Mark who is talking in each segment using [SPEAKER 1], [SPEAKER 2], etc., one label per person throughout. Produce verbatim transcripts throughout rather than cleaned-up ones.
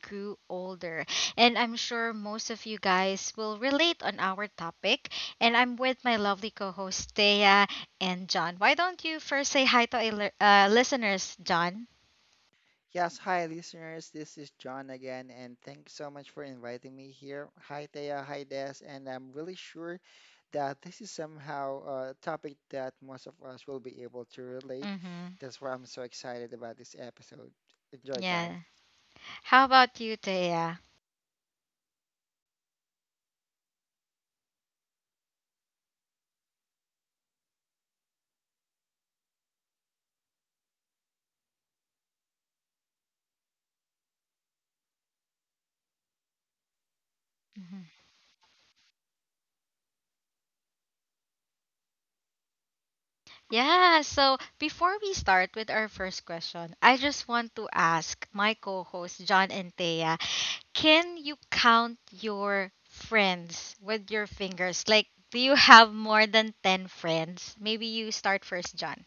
[SPEAKER 1] grew older. And I'm sure most of you guys will relate on our topic. And I'm with my lovely co hosts, Thea and John. Why don't you first say hi to our li- uh, listeners, John?
[SPEAKER 2] Yes, hi listeners. This is John again, and thanks so much for inviting me here. Hi Thea, hi Des, and I'm really sure that this is somehow a topic that most of us will be able to relate.
[SPEAKER 1] Mm-hmm.
[SPEAKER 2] That's why I'm so excited about this episode. Enjoy, guys.
[SPEAKER 1] Yeah. How about you, Thea? Hmm, yeah, so before we start with our first question, I just want to ask my co hosts, John and Thea, can you count your friends with your fingers? Like, do you have more than ten friends? Maybe you start first, John.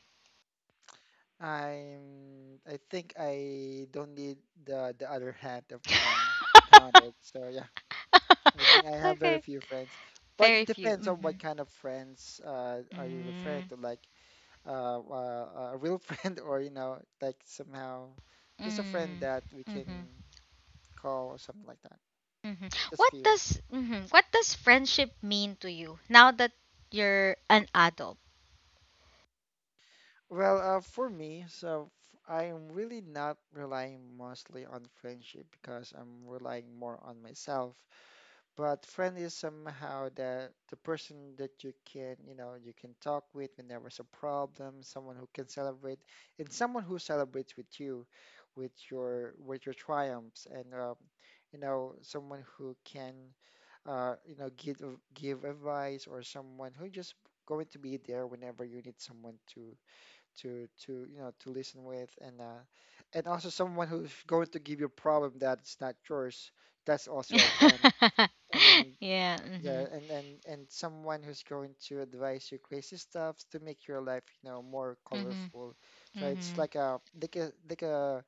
[SPEAKER 2] I'm. I think I don't need the the other hand of mine to count it. So yeah, I think I have very
[SPEAKER 1] Okay.
[SPEAKER 2] few friends, but it
[SPEAKER 1] Very few.
[SPEAKER 2] depends on
[SPEAKER 1] Mm-hmm.
[SPEAKER 2] what kind of friends uh, are you referring
[SPEAKER 1] Mm,
[SPEAKER 2] to. Like uh, uh, a real friend or you know like somehow just a friend
[SPEAKER 1] mm,
[SPEAKER 2] that we can
[SPEAKER 1] mm-hmm,
[SPEAKER 2] call or something like that,
[SPEAKER 1] mm-hmm.
[SPEAKER 2] just
[SPEAKER 1] What
[SPEAKER 2] few.
[SPEAKER 1] does mhm, what does friendship mean to you now that you're an adult?
[SPEAKER 2] Well uh, for me, so f- I am really not relying mostly on friendship because I'm relying more on myself. But friend is somehow the the person that you can, you know, you can talk with when there was a problem, someone who can celebrate, and someone who celebrates with you, with your with your triumphs, and um, you know, someone who can, uh, you know, give give advice, or someone who just going to be there whenever you need someone to to to you know to listen with, and uh, and also someone who's going to give you a problem that's not yours. That's also a friend. I mean,
[SPEAKER 1] Yeah. Mm-hmm,
[SPEAKER 2] yeah, and and and someone who's going to advise you crazy stuff to make your life, you know, more
[SPEAKER 1] mm-hmm,
[SPEAKER 2] colorful. So it's
[SPEAKER 1] mm-hmm.
[SPEAKER 2] like a like a like a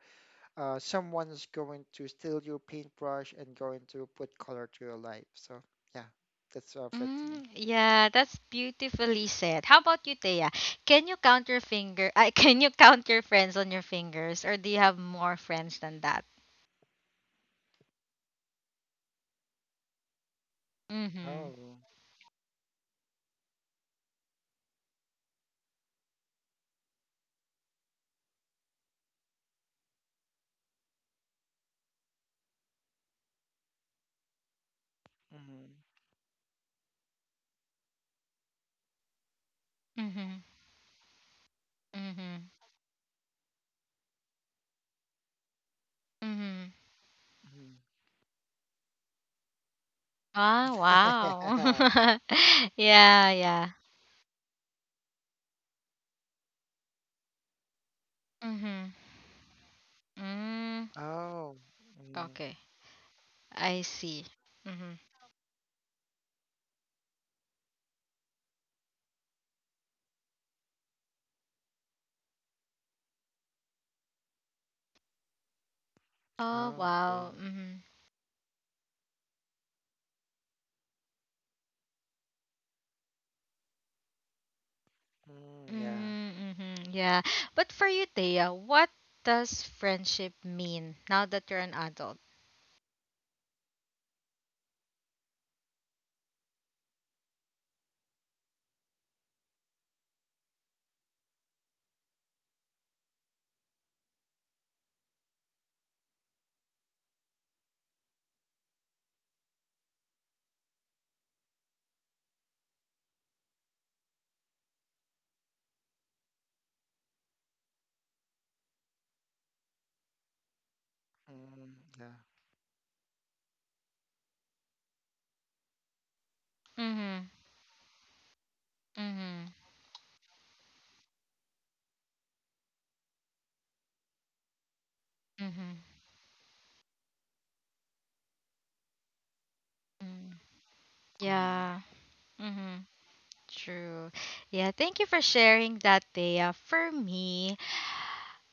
[SPEAKER 2] uh, someone's going to steal your paintbrush and going to put color to your life. So yeah, that's what it to me.
[SPEAKER 1] Mm, yeah, that's beautifully said. How about you, Thea? Can you count your finger? Uh, can you count your friends on your fingers, or do you have more friends than that? Mm-hmm.
[SPEAKER 2] Oh. Mm-hmm.
[SPEAKER 1] Mm-hmm. Mm-hmm. Mm-hmm. Ah, wow. Yeah, yeah. Mm-hmm. Mm.
[SPEAKER 2] Oh. Mm.
[SPEAKER 1] Okay. I see. Mm-hmm. Oh,
[SPEAKER 2] Oh, okay.
[SPEAKER 1] wow. Mm-hmm.
[SPEAKER 2] Mm, yeah.
[SPEAKER 1] Mm-hmm. Mm-hmm, yeah. But for you, Thea, what does friendship mean now that you're an adult?
[SPEAKER 2] Mm-hmm. Yeah.
[SPEAKER 1] Mm-hmm. Mm-hmm. Mm-hmm. Mm.
[SPEAKER 2] Mm-hmm.
[SPEAKER 1] Yeah. Mm-hmm. True. Yeah, thank you for sharing that, Thea. For me,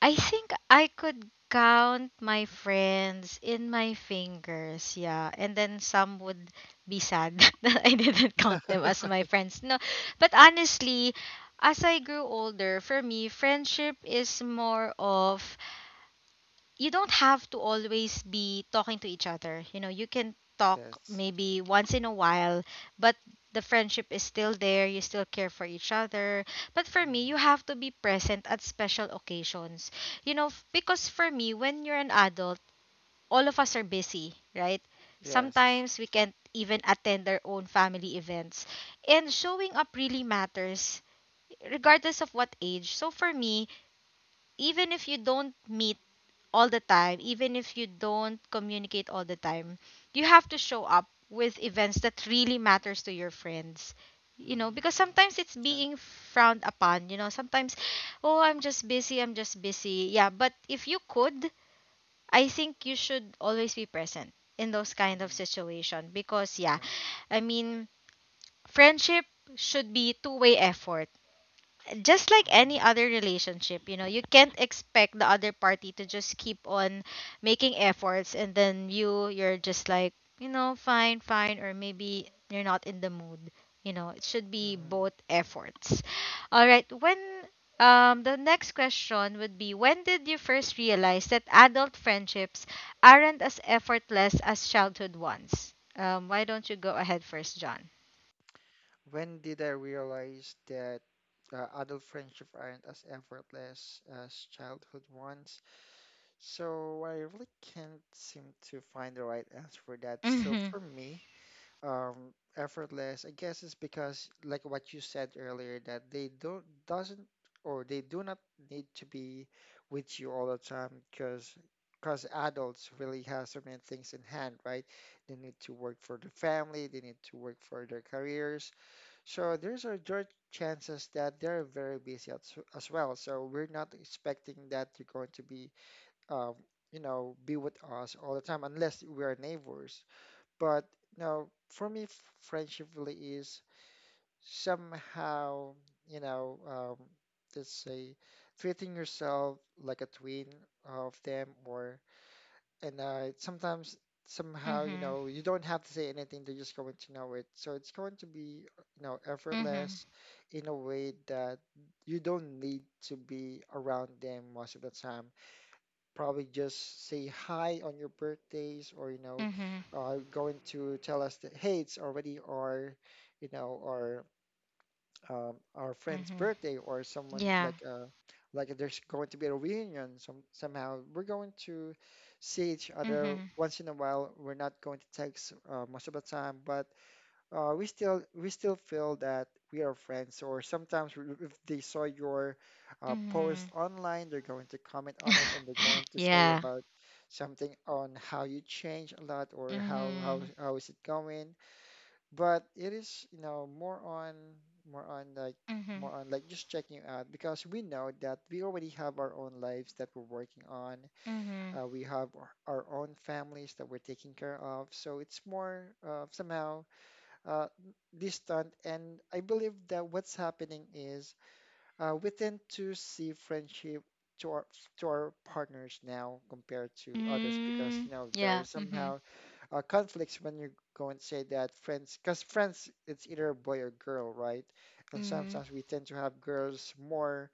[SPEAKER 1] I think I could count my friends in my fingers. Yeah. And then some would be sad that I didn't count them as my friends. No. But honestly, as I grew older, for me, friendship is more of you don't have to always be talking to each other. You know, you can talk
[SPEAKER 2] Yes.
[SPEAKER 1] maybe once in a while, but the friendship is still there. You still care for each other. But for me, you
[SPEAKER 2] Mm-hmm.
[SPEAKER 1] have to be present at special occasions. You know, f- because for me, when you're an adult, all of us are busy, right?
[SPEAKER 2] Yes.
[SPEAKER 1] Sometimes we can't even attend our own family events. And showing up really matters, regardless of what age. So for me, even if you don't meet all the time, even if you don't communicate all the time, you have to show up with events that really matters to your friends. You know, because
[SPEAKER 2] Mm.
[SPEAKER 1] sometimes it's
[SPEAKER 2] Yeah.
[SPEAKER 1] being frowned upon, you know, sometimes, oh, I'm just busy, I'm just busy. Yeah, but if you could, I think you should always be present in those kind of
[SPEAKER 2] Mhm.
[SPEAKER 1] situation because yeah,
[SPEAKER 2] Yeah.
[SPEAKER 1] I mean, friendship should be two-way effort just like
[SPEAKER 2] Hmm.
[SPEAKER 1] any other relationship. You know, you can't expect the other party to just keep on making efforts and then you you're just like, you know, fine, fine, or maybe you're not in the mood. You know, it should be
[SPEAKER 2] Hmm.
[SPEAKER 1] both efforts. All right, when um the next question would be, when did you first realize that adult friendships aren't as effortless as childhood ones? Um why don't you go ahead first, John?
[SPEAKER 2] When did I realize that uh, adult friendship aren't as effortless as childhood ones? So I really can't seem to find the right answer for that. So
[SPEAKER 1] Mhm.
[SPEAKER 2] for me, um, effortless. I guess it's because, like what you said earlier, that they don't doesn't or they do not need to be with you all the time because because adults really have so many things in hand, right? They need to work for the family, they need to work for their careers. So there's a good chances that they're very busy as, as well. So we're not expecting that you're going to be, um, you know, be with us all the time unless we are neighbors. But no, for me, f- friendship really is somehow, you know, um, let's say treating yourself like a twin of them, or and uh, sometimes somehow, you
[SPEAKER 1] Mhm.
[SPEAKER 2] know, you don't have to say anything; they're just going to know it. So it's going to be, you know,
[SPEAKER 1] Mhm.
[SPEAKER 2] effortless in a way that you don't need to be around them most of the time, probably just say hi on your birthdays, or you know
[SPEAKER 1] Mhm.
[SPEAKER 2] uh, going to tell us that hey it's already our you know our um, our friend's
[SPEAKER 1] Mhm.
[SPEAKER 2] birthday, or someone
[SPEAKER 1] Yeah.
[SPEAKER 2] like uh like there's going to be a reunion, some somehow we're going to see each other
[SPEAKER 1] Mhm.
[SPEAKER 2] once in a while, we're not going to text uh, most of the time but uh, we still we still feel that we are friends, or sometimes w- if they saw your uh, post
[SPEAKER 1] Mhm.
[SPEAKER 2] online they're going to comment on it and they're going to say
[SPEAKER 1] Yeah.
[SPEAKER 2] about something on how you change a lot or how how
[SPEAKER 1] Mhm.
[SPEAKER 2] how is it going, but it is you know more on more on like
[SPEAKER 1] Mhm.
[SPEAKER 2] more on like just checking out because we know that we already have our own lives that we're working on,
[SPEAKER 1] Mhm.
[SPEAKER 2] uh, we have our, our own families that we're taking care of, so it's more uh, somehow uh, distant. And I believe that what's happening is uh, we tend to see friendship to our to our partners now compared to others because
[SPEAKER 1] Mm.
[SPEAKER 2] you know there are
[SPEAKER 1] Yeah. Mhm.
[SPEAKER 2] somehow uh, conflicts when you go and say that friends, because friends it's either a boy or girl, right? And
[SPEAKER 1] Mhm.
[SPEAKER 2] sometimes we tend to have girls more,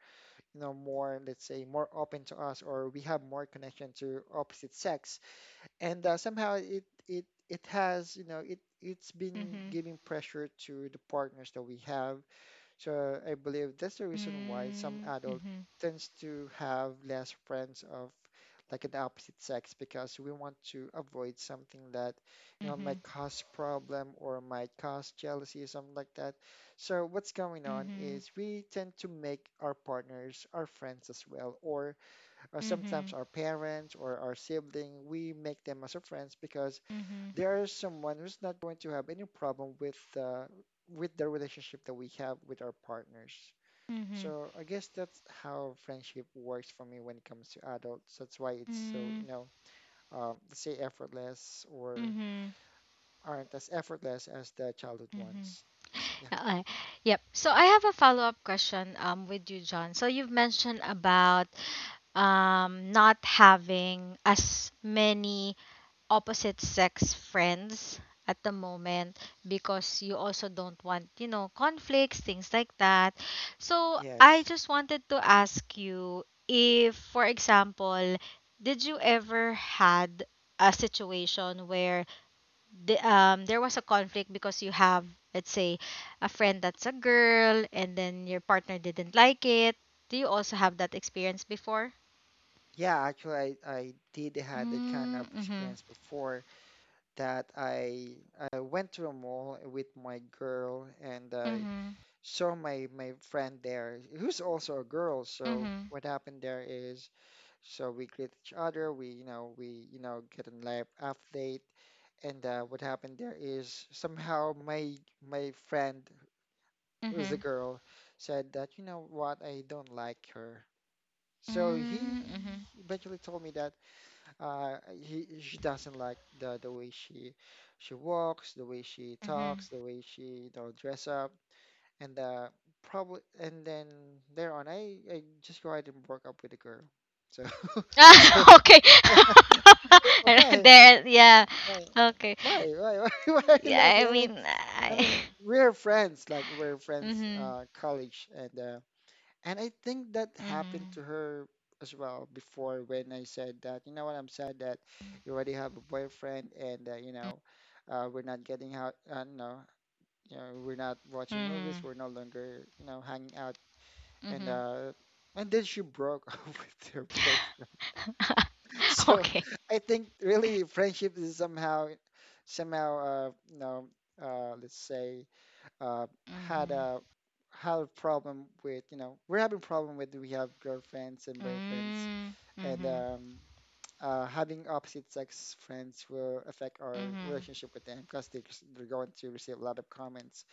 [SPEAKER 2] you know, more, let's say more open to us, or we have more connection to opposite sex, and uh, somehow it it it has, you know, it it's been
[SPEAKER 1] Mhm.
[SPEAKER 2] giving pressure to the partners that we have. So I believe that's the reason why some
[SPEAKER 1] Mm.
[SPEAKER 2] adult
[SPEAKER 1] Mhm.
[SPEAKER 2] tends to have less friends of like an opposite sex, because we want to avoid something that you know might
[SPEAKER 1] Mhm.
[SPEAKER 2] cause problem or might cause jealousy or something like that. So what's going on
[SPEAKER 1] Mhm.
[SPEAKER 2] is we tend to make our partners our friends as well, or or sometimes
[SPEAKER 1] Mhm.
[SPEAKER 2] our parents or our sibling, we make them as our friends because
[SPEAKER 1] Mhm.
[SPEAKER 2] there is someone who's not going to have any problem with the with the relationship that we have with our partners.
[SPEAKER 1] Mhm.
[SPEAKER 2] So I guess that's how friendship works for me when it comes to adults. That's why it's so,
[SPEAKER 1] Mm.
[SPEAKER 2] you know, um, let's say effortless or
[SPEAKER 1] Mhm.
[SPEAKER 2] aren't as effortless as the childhood
[SPEAKER 1] Mhm.
[SPEAKER 2] ones. So yeah.
[SPEAKER 1] Uh, Yep. So I have a follow-up question um with you, John. So you've mentioned about um not having as many opposite sex friends at the moment because you also don't want, you know, conflicts, things like that. So, I
[SPEAKER 2] Yes.
[SPEAKER 1] just wanted to ask you if, for example, did you ever had a situation where the, um, there was a conflict because you have, let's say, a friend that's a girl and then your partner didn't like it? Do you also have that experience before?
[SPEAKER 2] Yeah, actually, I, I did had that kind of
[SPEAKER 1] Mm-hmm.
[SPEAKER 2] experience before that I I went to a mall with my girl and I
[SPEAKER 1] Mm-hmm.
[SPEAKER 2] saw my my friend there who's also a girl. So
[SPEAKER 1] Mm-hmm.
[SPEAKER 2] what happened there is, so we greet each other, we you know we you know get a life update, and uh, what happened there is somehow my my friend who's a
[SPEAKER 1] Mm-hmm.
[SPEAKER 2] girl said that, you know what, I don't like her. So
[SPEAKER 1] Mm,
[SPEAKER 2] he
[SPEAKER 1] mhm,
[SPEAKER 2] eventually told me that uh, he she doesn't like the the way she she walks, the way she
[SPEAKER 1] mhm.
[SPEAKER 2] talks, the way she, you know, dress up, and uh, probably, and then there on I I just go ahead and broke up with the girl. So so
[SPEAKER 1] Okay.
[SPEAKER 2] why
[SPEAKER 1] There, yeah.
[SPEAKER 2] why
[SPEAKER 1] Okay.
[SPEAKER 2] why why why, why are you
[SPEAKER 1] Yeah, I
[SPEAKER 2] laughing? I mean
[SPEAKER 1] mean,
[SPEAKER 2] I
[SPEAKER 1] I.
[SPEAKER 2] mean we're friends, like we're friends
[SPEAKER 1] Mhm,
[SPEAKER 2] uh college, and uh, and I think that happened
[SPEAKER 1] mhm,
[SPEAKER 2] to her as well before, when I said that, you know what, I'm sad that you already have a boyfriend, and uh, you know, uh, we're not getting out, uh, no, you know, we're not watching movies,
[SPEAKER 1] mhm,
[SPEAKER 2] we're no longer, you know, hanging out. And
[SPEAKER 1] mhm.
[SPEAKER 2] uh, and then she broke up with her boyfriend. So
[SPEAKER 1] Okay.
[SPEAKER 2] I think really friendship is somehow somehow uh, you know, uh, let's say uh, had
[SPEAKER 1] Mhm,
[SPEAKER 2] a had a problem with, you know, we're having problem with, we have girlfriends and boyfriends,
[SPEAKER 1] mm,
[SPEAKER 2] and
[SPEAKER 1] mhm,
[SPEAKER 2] um, uh, having opposite sex friends will affect our
[SPEAKER 1] mhm,
[SPEAKER 2] relationship with them, because they, they're going to receive a lot of comments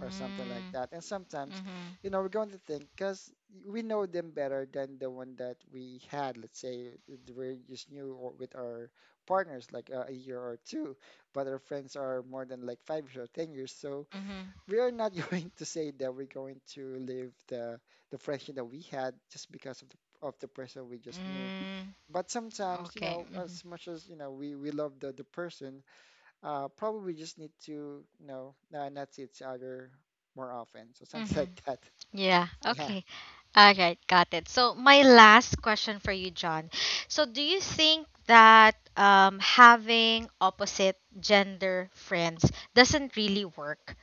[SPEAKER 2] or something like that. And sometimes,
[SPEAKER 1] mhm,
[SPEAKER 2] you know, we're going to think, because we know them better than the one that we had, let's say, that we just new, or with our partners like uh, a year or two, but our friends are more than like five years or ten years, so
[SPEAKER 1] mhm,
[SPEAKER 2] we are not going to say that we're going to leave the the friendship that we had just because of the of the person we just knew.
[SPEAKER 1] mm.
[SPEAKER 2] But sometimes, you
[SPEAKER 1] Okay.
[SPEAKER 2] know,
[SPEAKER 1] Mhm,
[SPEAKER 2] as much as you know, we we love the the person, uh, probably just need to, you know, uh, not see each other more often. So something
[SPEAKER 1] mhm.
[SPEAKER 2] like that.
[SPEAKER 1] Yeah.
[SPEAKER 2] Yeah,
[SPEAKER 1] Okay. All right. Got it. So, my last question for you, John. So, do you think that um, having opposite gender friends doesn't really work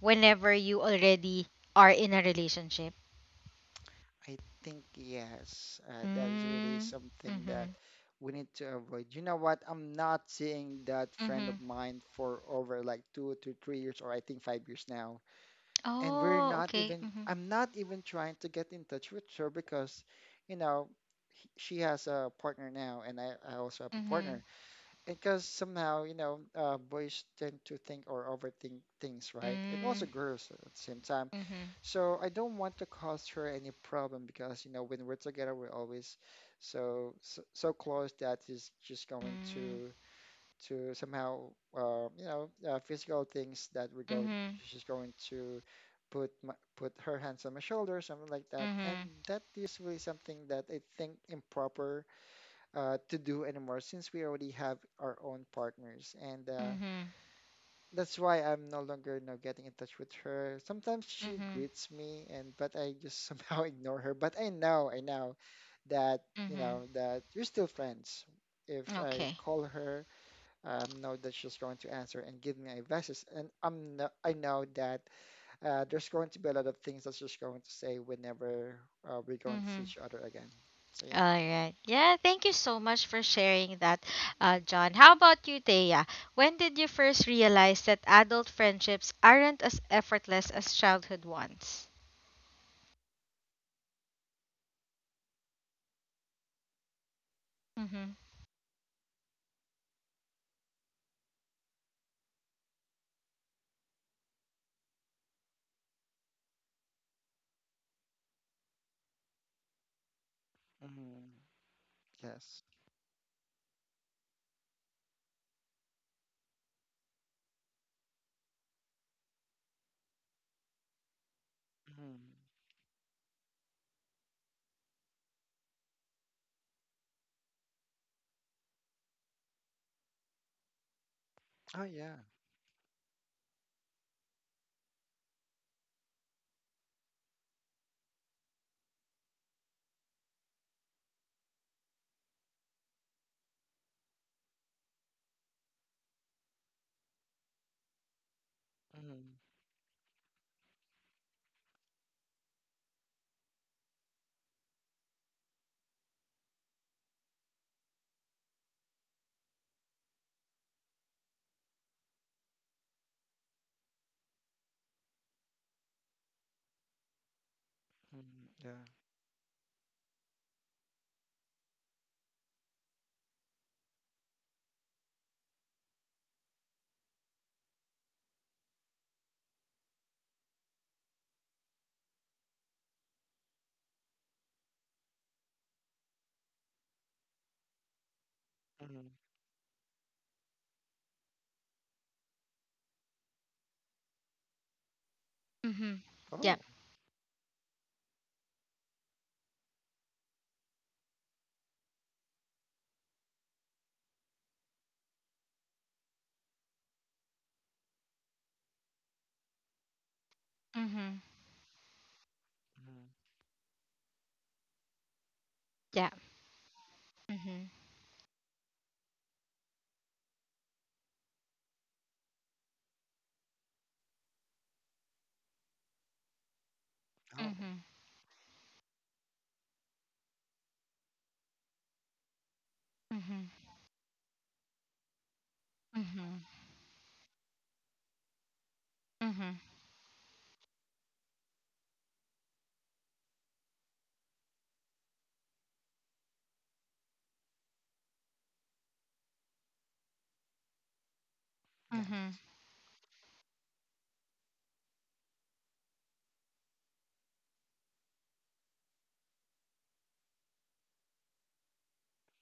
[SPEAKER 1] whenever you already are in a relationship?
[SPEAKER 2] I think yes, uh, that is really
[SPEAKER 1] Mm,
[SPEAKER 2] something that
[SPEAKER 1] mm-hmm.
[SPEAKER 2] we need to avoid. You know what? I'm not seeing that friend
[SPEAKER 1] Mm-hmm.
[SPEAKER 2] of mine for over like two to three years, or I think five years now. And we're
[SPEAKER 1] Oh,
[SPEAKER 2] not
[SPEAKER 1] okay.
[SPEAKER 2] even,
[SPEAKER 1] Mm-hmm.
[SPEAKER 2] I'm not even trying to get in touch with her, because you know he- she has a partner now and i, I also have a
[SPEAKER 1] Mm-hmm.
[SPEAKER 2] partner, because somehow, you know, uh, boys tend to think or overthink things, right? And also
[SPEAKER 1] Mm,
[SPEAKER 2] girls at the same time.
[SPEAKER 1] mm-hmm.
[SPEAKER 2] So I don't want to cause her any problem, because you know when we're together we're always so so, so close, that is just going
[SPEAKER 1] Mm,
[SPEAKER 2] to to somehow uh, you know, uh, physical things that we're going
[SPEAKER 1] mm-hmm.
[SPEAKER 2] she's going to put my, put her hands on my shoulder, something like that. And
[SPEAKER 1] Mm-hmm.
[SPEAKER 2] that is really something that I think improper uh, to do anymore, since we already have our own partners. And uh,
[SPEAKER 1] Mm-hmm.
[SPEAKER 2] that's why I'm no longer, you know, getting in touch with her. Sometimes she
[SPEAKER 1] Mm-hmm.
[SPEAKER 2] greets me, and but I just somehow ignore her, but I know I know that you
[SPEAKER 1] Hmm.
[SPEAKER 2] know that we're still friends. If I
[SPEAKER 1] Okay.
[SPEAKER 2] call her um, know that she's going to answer and give me advices. And I'm no, I know that uh, there's going to be a lot of things that's just going to say whenever uh, we're going to
[SPEAKER 1] Hmm.
[SPEAKER 2] see each
[SPEAKER 1] Okay.
[SPEAKER 2] other again. So yeah,
[SPEAKER 1] All right. Yeah, thank you so much for sharing that, uh, John. How about you, Thea? When did you first realize that adult friendships aren't as effortless as childhood ones? Mm-hmm.
[SPEAKER 2] mm yes, mm. Oh yeah. Mm-hmm. Yeah. Mm.
[SPEAKER 1] Mm-hmm. Yeah.
[SPEAKER 2] Oh.
[SPEAKER 1] Mm-hmm.
[SPEAKER 2] Mm.
[SPEAKER 1] Yeah. Mm-hmm.
[SPEAKER 2] Oh.
[SPEAKER 1] Mm-hmm. Mm-hmm. Mm-hmm. Mm-hmm. Mm-hmm.
[SPEAKER 2] Yes.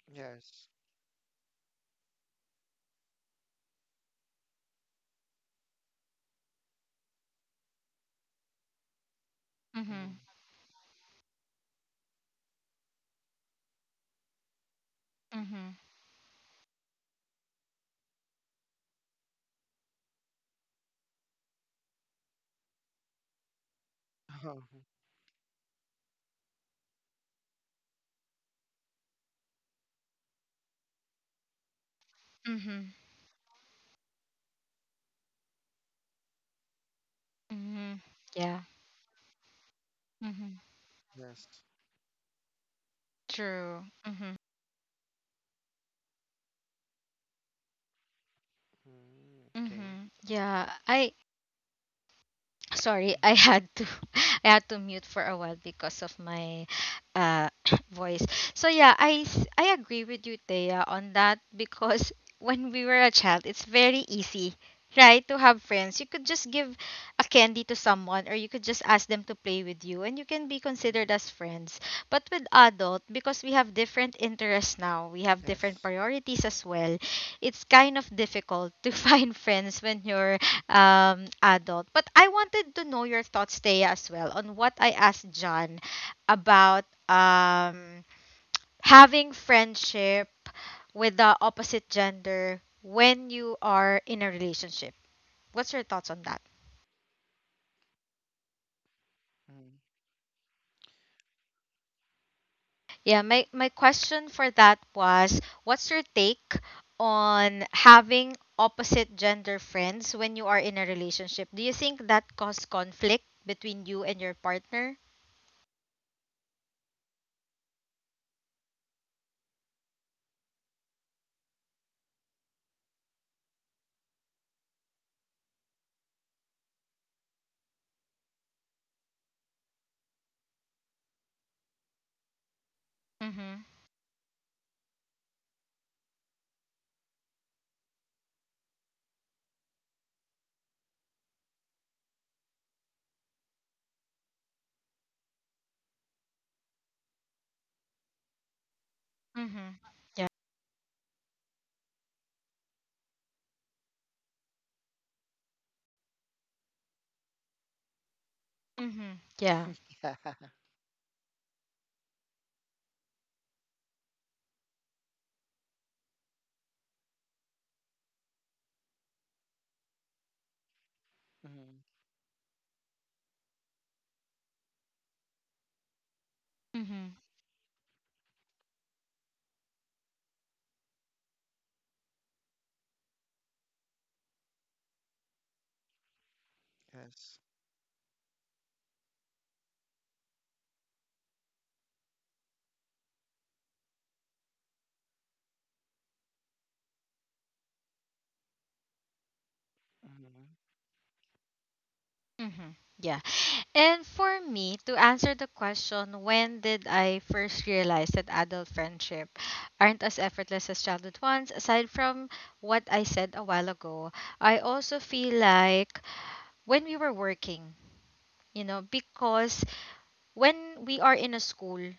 [SPEAKER 2] Yes. Mm.
[SPEAKER 1] Mm-hmm. Mm-hmm.
[SPEAKER 2] Oh.
[SPEAKER 1] Mm-hmm. Mm-hmm. Yeah. Mm-hmm.
[SPEAKER 2] Yes.
[SPEAKER 1] True. Mm-hmm.
[SPEAKER 2] Mm. Okay.
[SPEAKER 1] Mm-hmm. Yeah. I Sorry, I
[SPEAKER 2] Mm.
[SPEAKER 1] had to I had to mute for a while because of my uh voice. So yeah, I s- I agree with you, Thea, on that because when we were a child, it's very easy, right, to have friends. You could just give a candy to someone or you could just ask them to play with you and you can be
[SPEAKER 2] Mm.
[SPEAKER 1] considered as friends. But with adult, because we have different interests now, we have different
[SPEAKER 2] Yes.
[SPEAKER 1] priorities as well. It's kind of difficult to find friends when you're um, adult. But I wanted to know your thoughts, Thea, as well, on what I asked John about um, having friendship with the opposite gender when you are in a relationship. What's your thoughts on that?
[SPEAKER 2] Mm.
[SPEAKER 1] Yeah, my, my question for that was, what's your take on having opposite gender friends when you are in a relationship? Do you think that caused conflict between you and your partner? Mm-hmm. Mm-hmm. Yeah. Mm-hmm. Yeah.
[SPEAKER 2] Yeah. Mm.
[SPEAKER 1] Mm-hmm.
[SPEAKER 2] Yes. Mm.
[SPEAKER 1] Mm-hmm. Yeah. And for me, to answer the question, when did I first realize that adult friendship aren't as effortless as childhood ones, aside from what I said a while ago, I also feel like when we were working, you know, because when we are in a school,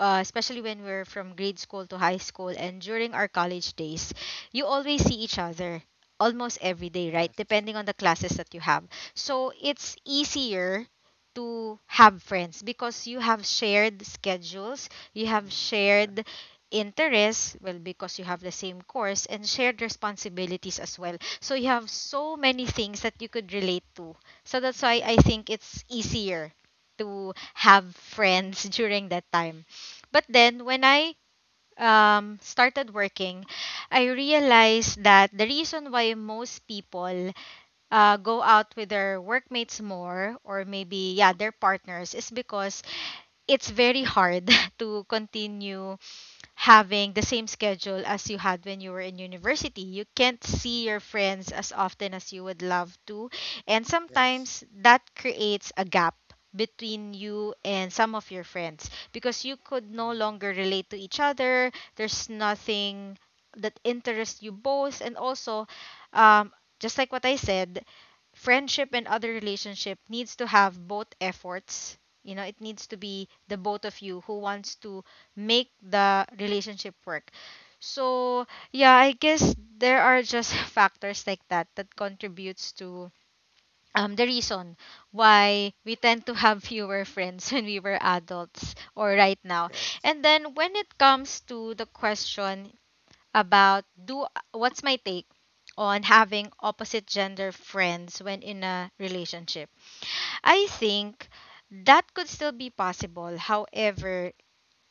[SPEAKER 1] uh, especially when we're from grade school to high school and during our college days, you always see each other almost every day, right?
[SPEAKER 2] Yes.
[SPEAKER 1] Depending on the classes that you have. So it's easier to have friends because you have shared schedules, you have
[SPEAKER 2] Mm-hmm.
[SPEAKER 1] shared interests, well, because you have the same course, and shared responsibilities as well. So you have so many things that you could relate to. So that's why I
[SPEAKER 2] Yes.
[SPEAKER 1] think it's easier to have friends during that time. But then when I um, started working, I realized that the reason why most people uh, go out with their workmates more or maybe yeah their partners is because it's very hard to continue having the same schedule as you had when you were in university. You can't see your
[SPEAKER 2] Mm-hmm.
[SPEAKER 1] friends as often as you would love to. And
[SPEAKER 2] Yes.
[SPEAKER 1] sometimes that creates a gap between you and some of your friends because you could no
[SPEAKER 2] Mm-hmm.
[SPEAKER 1] longer relate to each other. There's nothing that interests you both. And also, um, just like what I said, friendship and other relationship needs to have both efforts. You know, it needs to be the both of you who wants to make the relationship work. So yeah, I guess there are just factors like that that contributes to um, the reason why we tend to have fewer friends when we were adults or right now.
[SPEAKER 2] Yes.
[SPEAKER 1] And then when it comes to the question about do what's my take on having opposite gender friends when in a relationship. I think that could still be possible. However,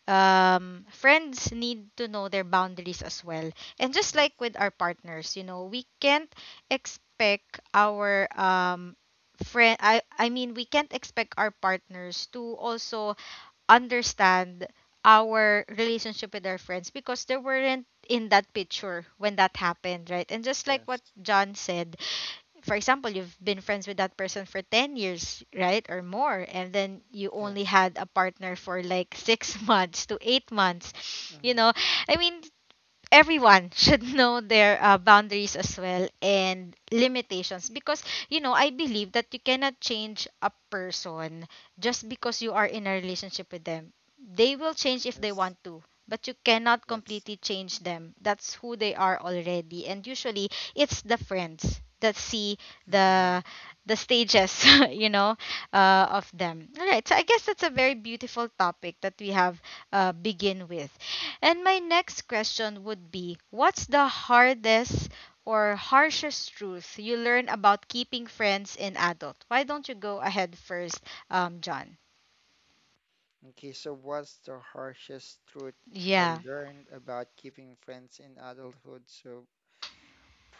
[SPEAKER 1] um, friends need to know their boundaries as well. And just like
[SPEAKER 2] Yes.
[SPEAKER 1] with our partners, you know, we can't expect our um, friend, I, I mean we can't expect our partners to also understand our relationship with our friends because they weren't in that picture when that happened, right? And just like
[SPEAKER 2] Yes.
[SPEAKER 1] what John said, for example, you've been friends with that person for ten years, right? Or more. And then you only
[SPEAKER 2] Yes.
[SPEAKER 1] had a partner for like six months to eight months. You
[SPEAKER 2] Mm-hmm.
[SPEAKER 1] know, I mean, everyone should know their uh, boundaries as well and limitations because you know I believe that you cannot change a person just because you are in a relationship with them. They will change if they want
[SPEAKER 2] Yes.
[SPEAKER 1] to, but you cannot
[SPEAKER 2] Yes.
[SPEAKER 1] completely change them. That's who they are already. And usually it's the friends that see
[SPEAKER 2] Yeah.
[SPEAKER 1] the the stages you know uh, of them. All right, so I guess that's a very beautiful topic that we have uh, begin with. And my next question would be, what's the hardest or harshest truth you learn about keeping friends in adult? Why don't you go ahead first, um, John?
[SPEAKER 2] Okay, so what's the harshest truth I
[SPEAKER 1] Yeah.
[SPEAKER 2] learned about keeping friends in adulthood? So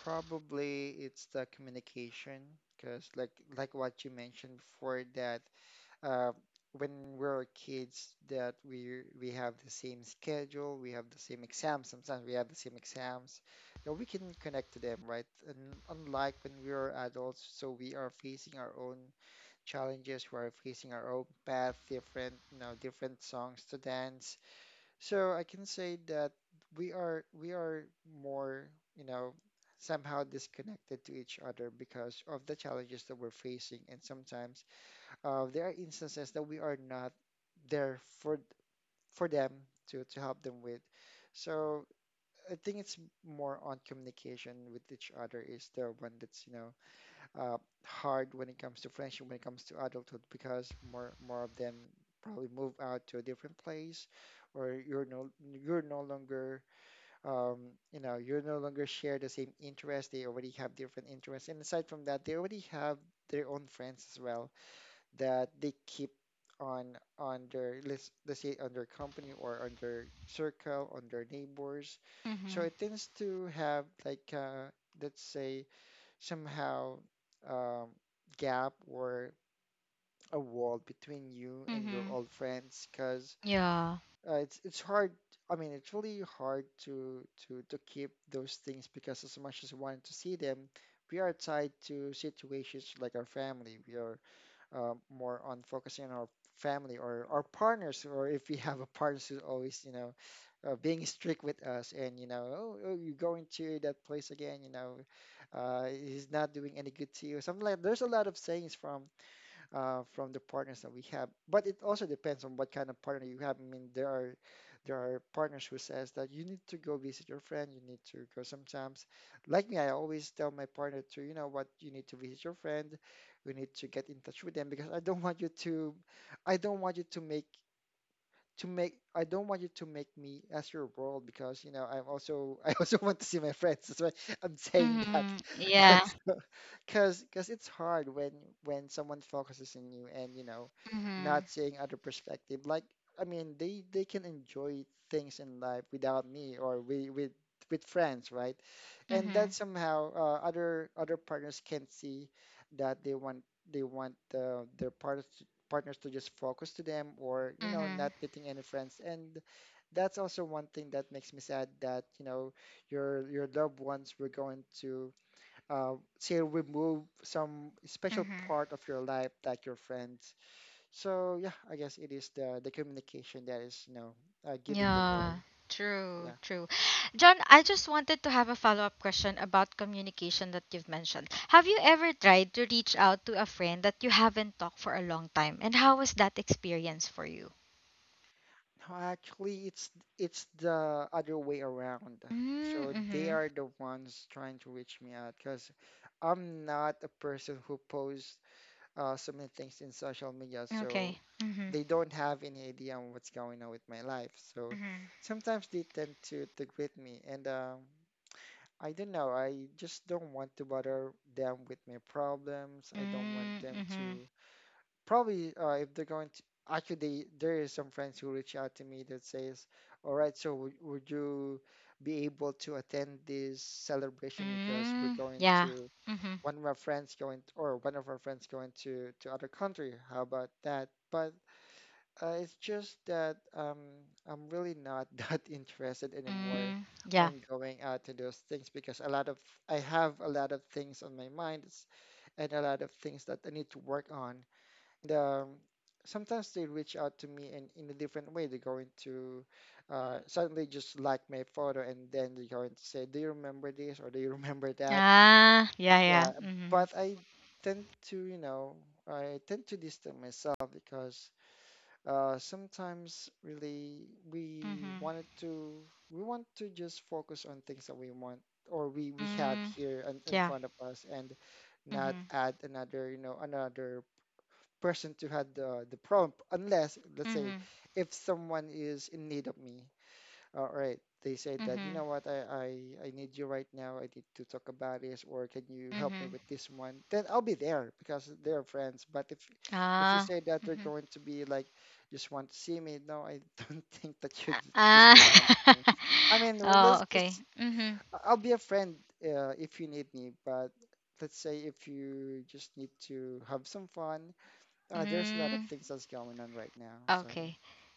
[SPEAKER 2] probably it's the communication, because like like what you mentioned before that uh, when we're kids that we we have the same schedule, we have the same exams. Sometimes we have the same exams that we can connect to them, right? And unlike when we are adults, so we are facing our own challenges, we are facing our own path, different, you know, different songs to dance. So I can say that we are we are more, you know, somehow disconnected to each other because of the challenges that we're facing, and sometimes uh, there are instances that we are not there for for them to to help them with. So I think it's more on communication with each other is the one that's you know uh, hard when it comes to friendship, when it comes to adulthood, because more more of them probably move out to a different place, or you're no you're no longer um, you know, you're no longer share the same interest. They already have different interests, and aside from that, they already have their own friends as well that they keep on on their, let's let's say on their company or on their circle, on their neighbors. So
[SPEAKER 1] Mm-hmm.
[SPEAKER 2] it tends to have like uh, let's say somehow um, gap or a wall between you and your
[SPEAKER 1] Mm-hmm.
[SPEAKER 2] old friends because
[SPEAKER 1] Yeah.
[SPEAKER 2] uh, it's it's hard. I mean, it's really hard to to to keep those things because as much as we wanted to see them, we are tied to situations like our family. We are uh, more on focusing on our family or our partners, or if we have a partner who's always, you know, uh, being strict with us and, you know, oh, oh, you're going to that place again, you know, uh, he's not doing any good to you. Something like there's a lot of sayings from uh, from the partners that we have. But it also depends on what kind of partner you have. I mean, there are there are partners who says that you need to go visit your friend. You need to go sometimes. Like me, I always tell my partner to, you know what, you need to visit your friend. We need to get in touch with them because I don't want you to, I don't want you to make to make I don't want you to make me as your world because you know I'm also I also want to see my friends. That's why I'm saying that
[SPEAKER 1] Mm-hmm. Yeah.
[SPEAKER 2] because because it's hard when when someone focuses on you and you know
[SPEAKER 1] Mm-hmm.
[SPEAKER 2] not seeing other perspective. Like I mean they they can enjoy things in life without me or with with with friends, right? And that
[SPEAKER 1] Mm-hmm.
[SPEAKER 2] somehow uh, other other partners can see that they want they want uh, their partners, partners to just focus to them or you know
[SPEAKER 1] Mm-hmm.
[SPEAKER 2] not meeting any friends, and that's also one thing that makes me sad that you know your your loved ones were going to uh, say remove some special
[SPEAKER 1] Mm-hmm.
[SPEAKER 2] part of your life like your friends. So yeah, I guess it is the the communication that is you know uh, giving the world.
[SPEAKER 1] Yeah,
[SPEAKER 2] So,
[SPEAKER 1] true,
[SPEAKER 2] yeah,
[SPEAKER 1] true. John, I just wanted to have a follow-up question about communication that you've mentioned. Have you ever tried to reach out to a friend that you haven't talked for a long time? And how was that experience for you?
[SPEAKER 2] no, actually it's it's the other way around, so they
[SPEAKER 1] Mm-hmm.
[SPEAKER 2] are the ones trying to reach me out because I'm not a person who posts uh, so many things in social media,
[SPEAKER 1] Okay.
[SPEAKER 2] so
[SPEAKER 1] Mm-hmm.
[SPEAKER 2] they don't have any idea on what's going on with my life. So
[SPEAKER 1] Mm-hmm.
[SPEAKER 2] sometimes they tend to to greet me, and um, I don't know. I just don't want to bother them with my problems. I don't want them
[SPEAKER 1] Mm-hmm.
[SPEAKER 2] to probably uh, if they're going to. Actually, they, there is some friends who reach out to me that says, "All right, so would, would you be able to attend this celebration because we're
[SPEAKER 1] Mm,
[SPEAKER 2] going
[SPEAKER 1] yeah.
[SPEAKER 2] to."
[SPEAKER 1] Mm-hmm.
[SPEAKER 2] One of our friends going, or one of our friends going to to other country. How about that? But uh, it's just that um, I'm really not that interested anymore
[SPEAKER 1] Mm, yeah.
[SPEAKER 2] on going out to those things because a lot of I have a lot of things on my mind s- and a lot of things that I need to work on. And um, sometimes they reach out to me in, in a different way. They're going to uh, suddenly just like my photo and then they're going to say, "Do you remember this?" or "Do you remember that?"
[SPEAKER 1] Ah, yeah, yeah.
[SPEAKER 2] Yeah,
[SPEAKER 1] Mm-hmm.
[SPEAKER 2] but I tend to, you know, I tend to distance myself because uh, sometimes really we
[SPEAKER 1] Mm-hmm.
[SPEAKER 2] wanted to, we want to just focus on things that we want or we we have
[SPEAKER 1] Mm,
[SPEAKER 2] here in, in
[SPEAKER 1] yeah.
[SPEAKER 2] front of us and not
[SPEAKER 1] Mm-hmm.
[SPEAKER 2] add another, you know, another person to have the the problem unless let's say
[SPEAKER 1] Mm-hmm.
[SPEAKER 2] if someone is in need of me. All right. They said that, you
[SPEAKER 1] Mm-hmm.
[SPEAKER 2] know what, I, I, I need you right now. I need to talk about this, or can you help me
[SPEAKER 1] Mm-hmm.
[SPEAKER 2] with this one? Then I'll be there because they're friends. But if if you
[SPEAKER 1] Ah.
[SPEAKER 2] say that they're
[SPEAKER 1] Mhm.
[SPEAKER 2] going to be like, just want to see me, no, I don't think that you j- just
[SPEAKER 1] Ah.
[SPEAKER 2] don't want to see me. I mean, well, let's
[SPEAKER 1] Oh, okay.
[SPEAKER 2] just,
[SPEAKER 1] Mhm.
[SPEAKER 2] I'll be a friend uh, if you need me. But let's say if you just need to have some fun, uh, there's a lot of
[SPEAKER 1] Mm,
[SPEAKER 2] things that's going on right now. So yeah.
[SPEAKER 1] okay.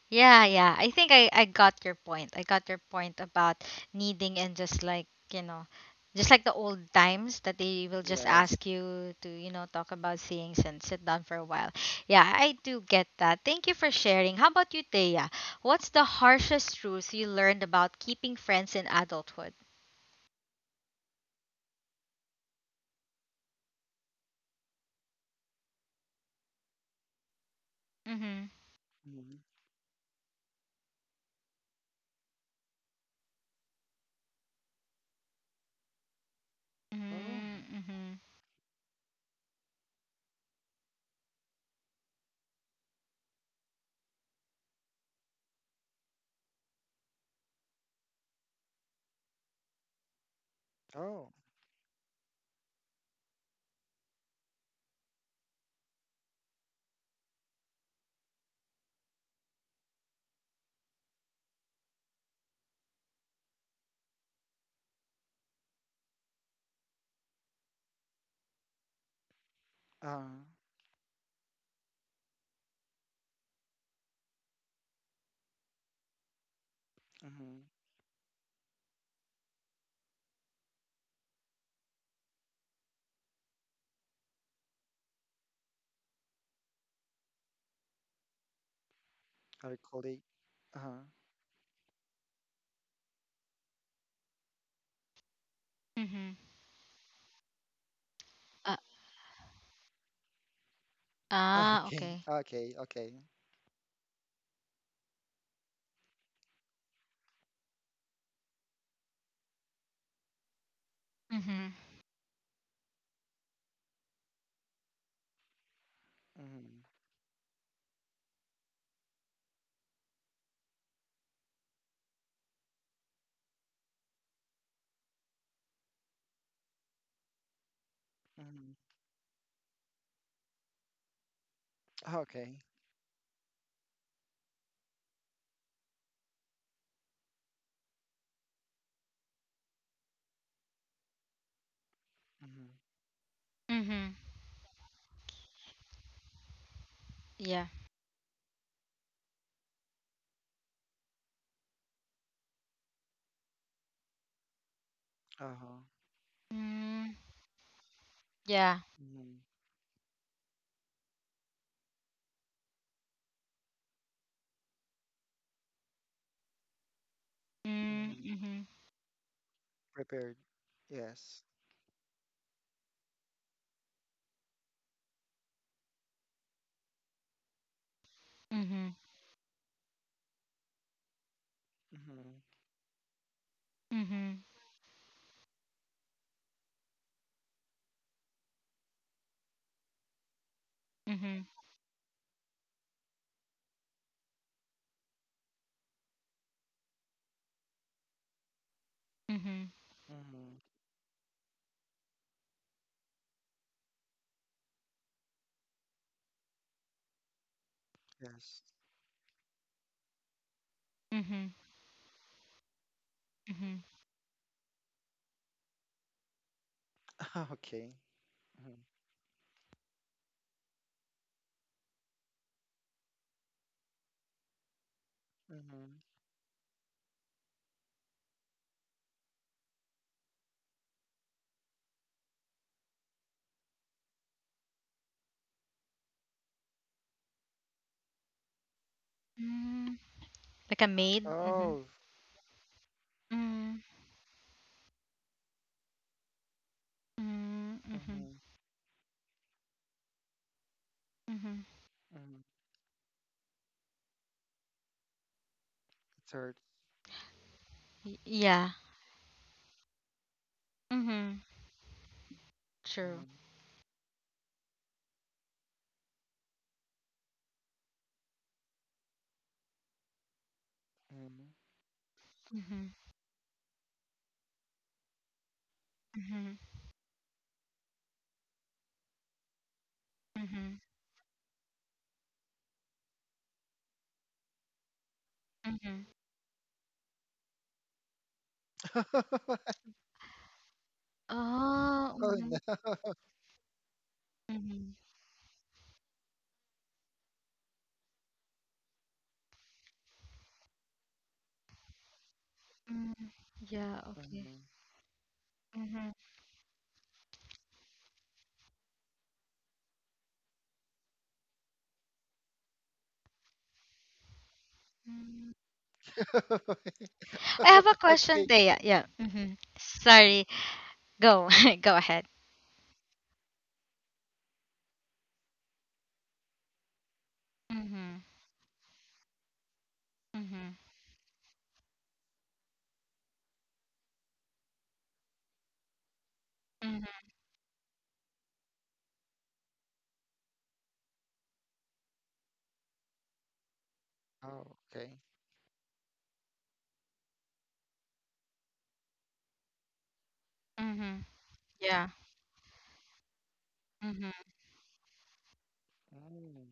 [SPEAKER 1] Yeah, yeah. I think I I got your point. I got your point about needing and just like, you know, just like the old times that they will just
[SPEAKER 2] Yes.
[SPEAKER 1] ask you to, you know, talk about things and sit down for a while. Yeah, I do get that. Thank you for sharing. How about you, Thea? What's the harshest truth you learned about keeping friends in adulthood? Mhm.
[SPEAKER 2] Mhm.
[SPEAKER 1] Mm-hmm.
[SPEAKER 2] Oh.
[SPEAKER 1] Mm-hmm.
[SPEAKER 2] Oh. Uh. Mm-hmm. Our colleague. Uh-huh.
[SPEAKER 1] mm-hmm. Uh, ah,
[SPEAKER 2] Okay.
[SPEAKER 1] okay.
[SPEAKER 2] Okay. Okay.
[SPEAKER 1] Mhm.
[SPEAKER 2] Mm-hmm. Mm-hmm. Okay. Mm-hmm.
[SPEAKER 1] Mhm. Yeah.
[SPEAKER 2] Uh-huh.
[SPEAKER 1] Mm, yeah.
[SPEAKER 2] Mm-hmm.
[SPEAKER 1] Mm,
[SPEAKER 2] Mm-hmm.
[SPEAKER 1] mhm.
[SPEAKER 2] Prepared. Yes.
[SPEAKER 1] Mhm.
[SPEAKER 2] Mm-hmm.
[SPEAKER 1] Mhm. Mhm. Mhm.
[SPEAKER 2] Mm-hmm. Yes.
[SPEAKER 1] Mhm. Mhm.
[SPEAKER 2] Okay. Mm-hmm. Mm-hmm.
[SPEAKER 1] Mm, like a maid. Mhm.
[SPEAKER 2] Oh.
[SPEAKER 1] Mm, mm, mhm.
[SPEAKER 2] Mm-hmm.
[SPEAKER 1] Mhm.
[SPEAKER 2] Mm-hmm. It hurts.
[SPEAKER 1] Y- Yeah. Mhm. True.
[SPEAKER 2] Mm-hmm. Mm-hmm.
[SPEAKER 1] Mhm. Mhm. Mhm. Mhm. Oh.
[SPEAKER 2] Oh
[SPEAKER 1] Mhm.
[SPEAKER 2] no.
[SPEAKER 1] Mhm. Mm, yeah. Okay.
[SPEAKER 2] Mm-hmm.
[SPEAKER 1] Mhm. Mm. I have a question,
[SPEAKER 2] Okay.
[SPEAKER 1] Thea. Yeah. Mm-hmm.
[SPEAKER 2] Mhm.
[SPEAKER 1] Sorry. Go, go ahead. Mm-hmm. Mm-hmm. Mm-hmm.
[SPEAKER 2] Oh, okay.
[SPEAKER 1] Mm-hmm. Yeah. Mm-hmm.
[SPEAKER 2] Mm-hmm.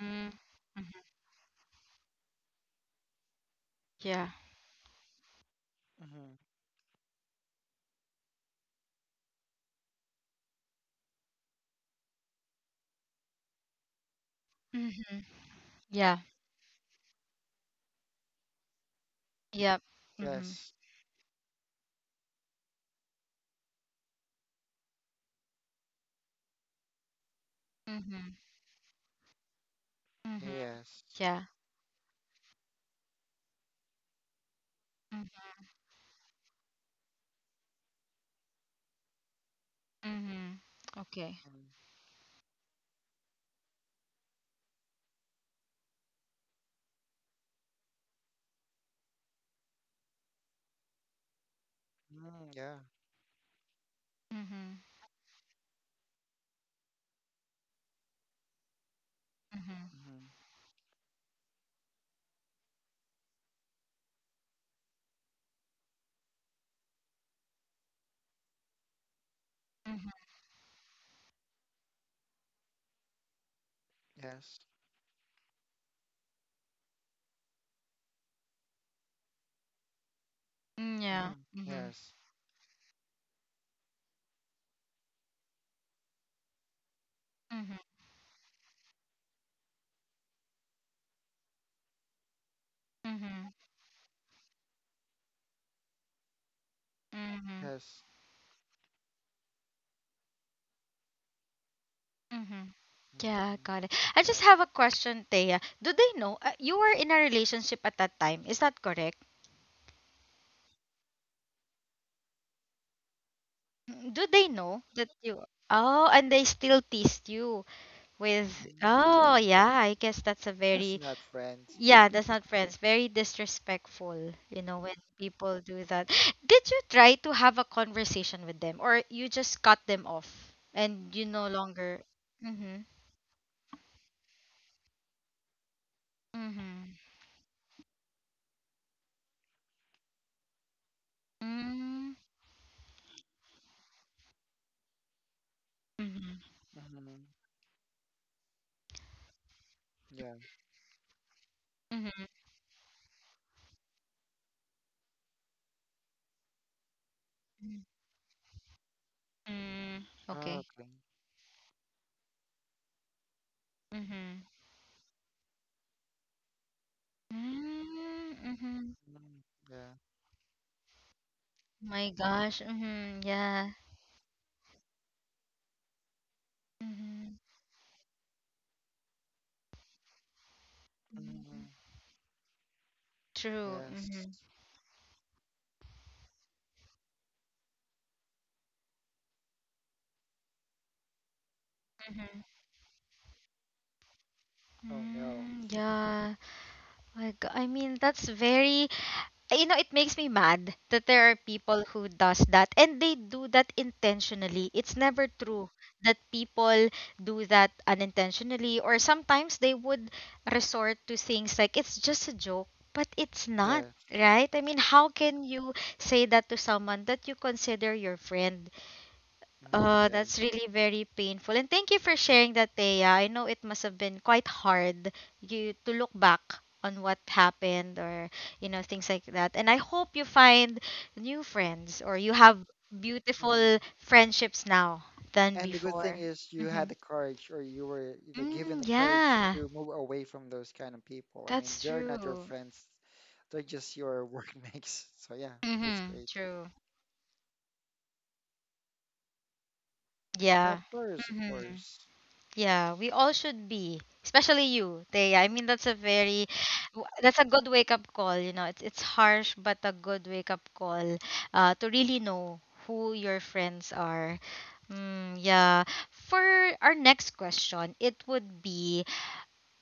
[SPEAKER 1] Mm-hmm. Yeah.
[SPEAKER 2] Mm-hmm.
[SPEAKER 1] Mm-hmm. Yeah. Yep. Mm-hmm.
[SPEAKER 2] Yes.
[SPEAKER 1] Mm-hmm. Mm-hmm.
[SPEAKER 2] Yes.
[SPEAKER 1] Yeah. Mm-hmm. Okay.
[SPEAKER 2] Mm, mm, yeah.
[SPEAKER 1] Mm-hmm. Mm-hmm.
[SPEAKER 2] Mm-hmm.
[SPEAKER 1] Mm-hmm.
[SPEAKER 2] Yes.
[SPEAKER 1] Mm, yeah.
[SPEAKER 2] Mm-hmm.
[SPEAKER 1] Mm-hmm.
[SPEAKER 2] Yes.
[SPEAKER 1] Mm-hmm. Mm-hmm. Mm-hmm.
[SPEAKER 2] Yes.
[SPEAKER 1] Mm-hmm. Yeah,
[SPEAKER 2] Mm-hmm.
[SPEAKER 1] got it. I just
[SPEAKER 2] Yes.
[SPEAKER 1] have a question, Thea. Do they know uh, you were in a relationship at that time? Is that correct? Mm, do they know that you? Oh, and they still teased you. With
[SPEAKER 2] Mm,
[SPEAKER 1] oh
[SPEAKER 2] yeah.
[SPEAKER 1] yeah, I guess that's a
[SPEAKER 2] That's
[SPEAKER 1] very
[SPEAKER 2] not friends.
[SPEAKER 1] yeah, that's not friends. Very disrespectful, you know, when people do that. Did you try to have a conversation with them, or you just cut them off and you no longer? Mhm. Mhm. Mm. Mhm.
[SPEAKER 2] Mm-hmm. Yeah.
[SPEAKER 1] Mhm. Mm. Okay.
[SPEAKER 2] Okay.
[SPEAKER 1] Mhm. Mm. Mhm.
[SPEAKER 2] Mm, yeah.
[SPEAKER 1] My gosh. Mhm. Yeah. Mhm.
[SPEAKER 2] Mm-hmm.
[SPEAKER 1] True.
[SPEAKER 2] Yes.
[SPEAKER 1] Mhm.
[SPEAKER 2] Oh no.
[SPEAKER 1] Mm. Yeah. my go- I mean, that's very, you know, it makes me mad that there are people who does that, and they do that intentionally. It's never true that people do that unintentionally, or sometimes they would resort to things like it's just a joke, but it's not,
[SPEAKER 2] Yes.
[SPEAKER 1] right? I mean, how can you say that to someone that you consider your friend?
[SPEAKER 2] Mm-hmm.
[SPEAKER 1] Uh,
[SPEAKER 2] Yeah.
[SPEAKER 1] that's really very painful. And thank you for sharing that, Thea. I know it must have been quite hard you to look back on what happened, or you know things like that. And I hope you find new friends, or you have
[SPEAKER 2] Mm-hmm.
[SPEAKER 1] beautiful friendships now than
[SPEAKER 2] And the good thing
[SPEAKER 1] before.
[SPEAKER 2] is you had
[SPEAKER 1] Mm-hmm.
[SPEAKER 2] the courage or you were you know, given
[SPEAKER 1] Mm,
[SPEAKER 2] the courage
[SPEAKER 1] yeah,
[SPEAKER 2] to move away from those kind of people. I mean,
[SPEAKER 1] that's
[SPEAKER 2] they're not your
[SPEAKER 1] true.
[SPEAKER 2] friends. They're just your workmates. So yeah, that's
[SPEAKER 1] Mm-hmm.
[SPEAKER 2] great.
[SPEAKER 1] True.
[SPEAKER 2] Yeah,
[SPEAKER 1] Yeah.
[SPEAKER 2] of course, of
[SPEAKER 1] Mm-hmm.
[SPEAKER 2] course.
[SPEAKER 1] Yeah, we all should be, especially you, Thea. I mean, that's a very, w- that's a good wake up call. You know, it's it's harsh, but a good wake up call uh, to really know who your friends are. Mm, yeah. For our next question, it would be